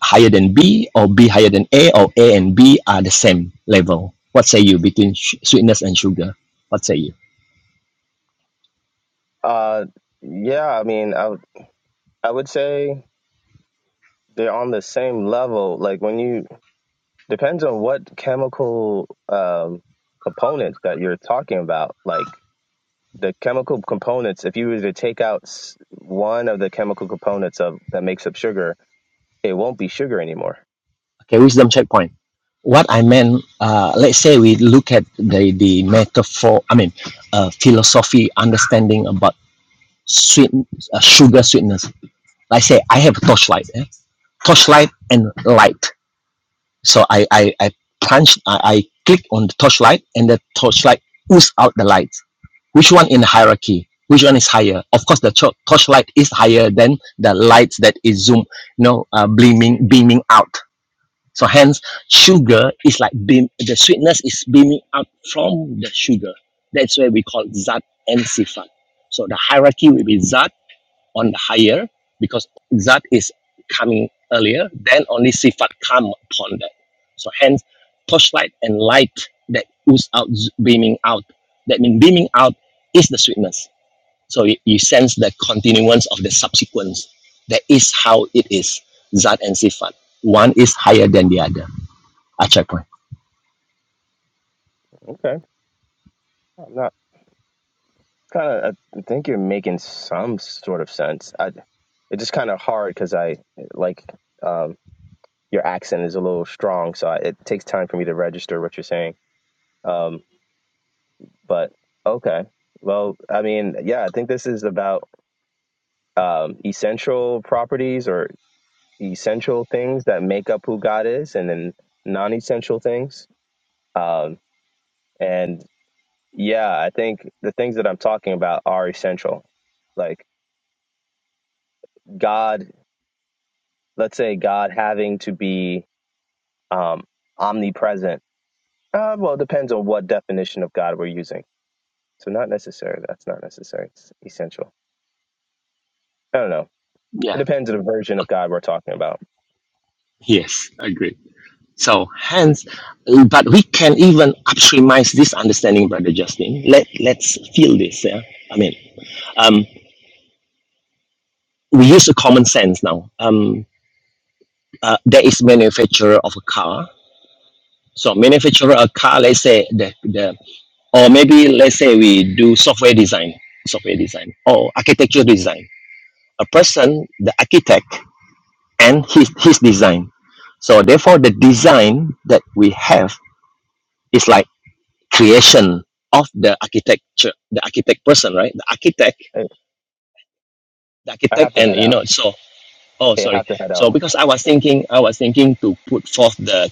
Speaker 6: higher than B, or B higher than A, or A and B are the same level? What say you between sweetness and sugar? What say you?
Speaker 2: Uh, yeah. I mean, I would- I would say they're on the same level. Like when you depends on what chemical um components that you're talking about. Like the chemical components. If you were to take out s- one of the chemical components of that makes up sugar, it won't be sugar anymore.
Speaker 6: Okay, wisdom checkpoint. What I meant, uh, let's say we look at the the metaphor. I mean, uh, philosophy understanding about sweet uh, sugar sweetness. Like I say, I have a torchlight, eh? torchlight and light. So I I, I punch, I, I click on the torchlight, and the torchlight oozes out the light. Which one in the hierarchy? Which one is higher? Of course, the cho- torchlight is higher than the lights that is zoom, you know, uh, beaming beaming out. So hence, sugar is like beam. The sweetness is beaming out from the sugar. That's why we call zat and sifat. So the hierarchy will be zat on higher because Zat is coming earlier, then only Sifat come upon that. So hence, torchlight and light that ooze out, beaming out. That means beaming out is the sweetness. So you, you sense the continuance of the subsequence. That is how it is, Zat and Sifat. One is higher than the other. Achai point.
Speaker 2: Okay I'm not kind of. I think you're making some sort of sense. I, it's just kind of hard because I like um, your accent is a little strong, so I, it takes time for me to register what you're saying. Um, but okay, well, I mean, yeah, I think this is about um, essential properties or essential things that make up who God is, and then non-essential things. Um, and yeah, I think the things that I'm talking about are essential. Like God let's say God having to be um, omnipresent. Uh, well, it depends on what definition of God we're using. So not necessary. That's not necessary. It's essential. I don't know.
Speaker 6: Yeah.
Speaker 2: It depends on the version of God we're talking about.
Speaker 6: Yes. Agreed. So hence, uh, but we can even upstreamize this understanding, Brother Justin. Let let's feel this. Yeah, I mean, um, we use a common sense now. Um, uh, there is manufacturer of a car. So manufacturer a car, let's say the, the or maybe let's say we do software design, software design or architecture design. A person, the architect, and his his design. So therefore, the design that we have is like. creation of the architecture, the architect person, right? The architect,
Speaker 2: I
Speaker 6: the
Speaker 2: I
Speaker 6: architect,
Speaker 2: have to
Speaker 6: and
Speaker 2: head
Speaker 6: you
Speaker 2: out.
Speaker 6: know, so oh,
Speaker 2: Okay, I
Speaker 6: sorry.
Speaker 2: have to head out.
Speaker 6: So because I was thinking, I was thinking to put forth the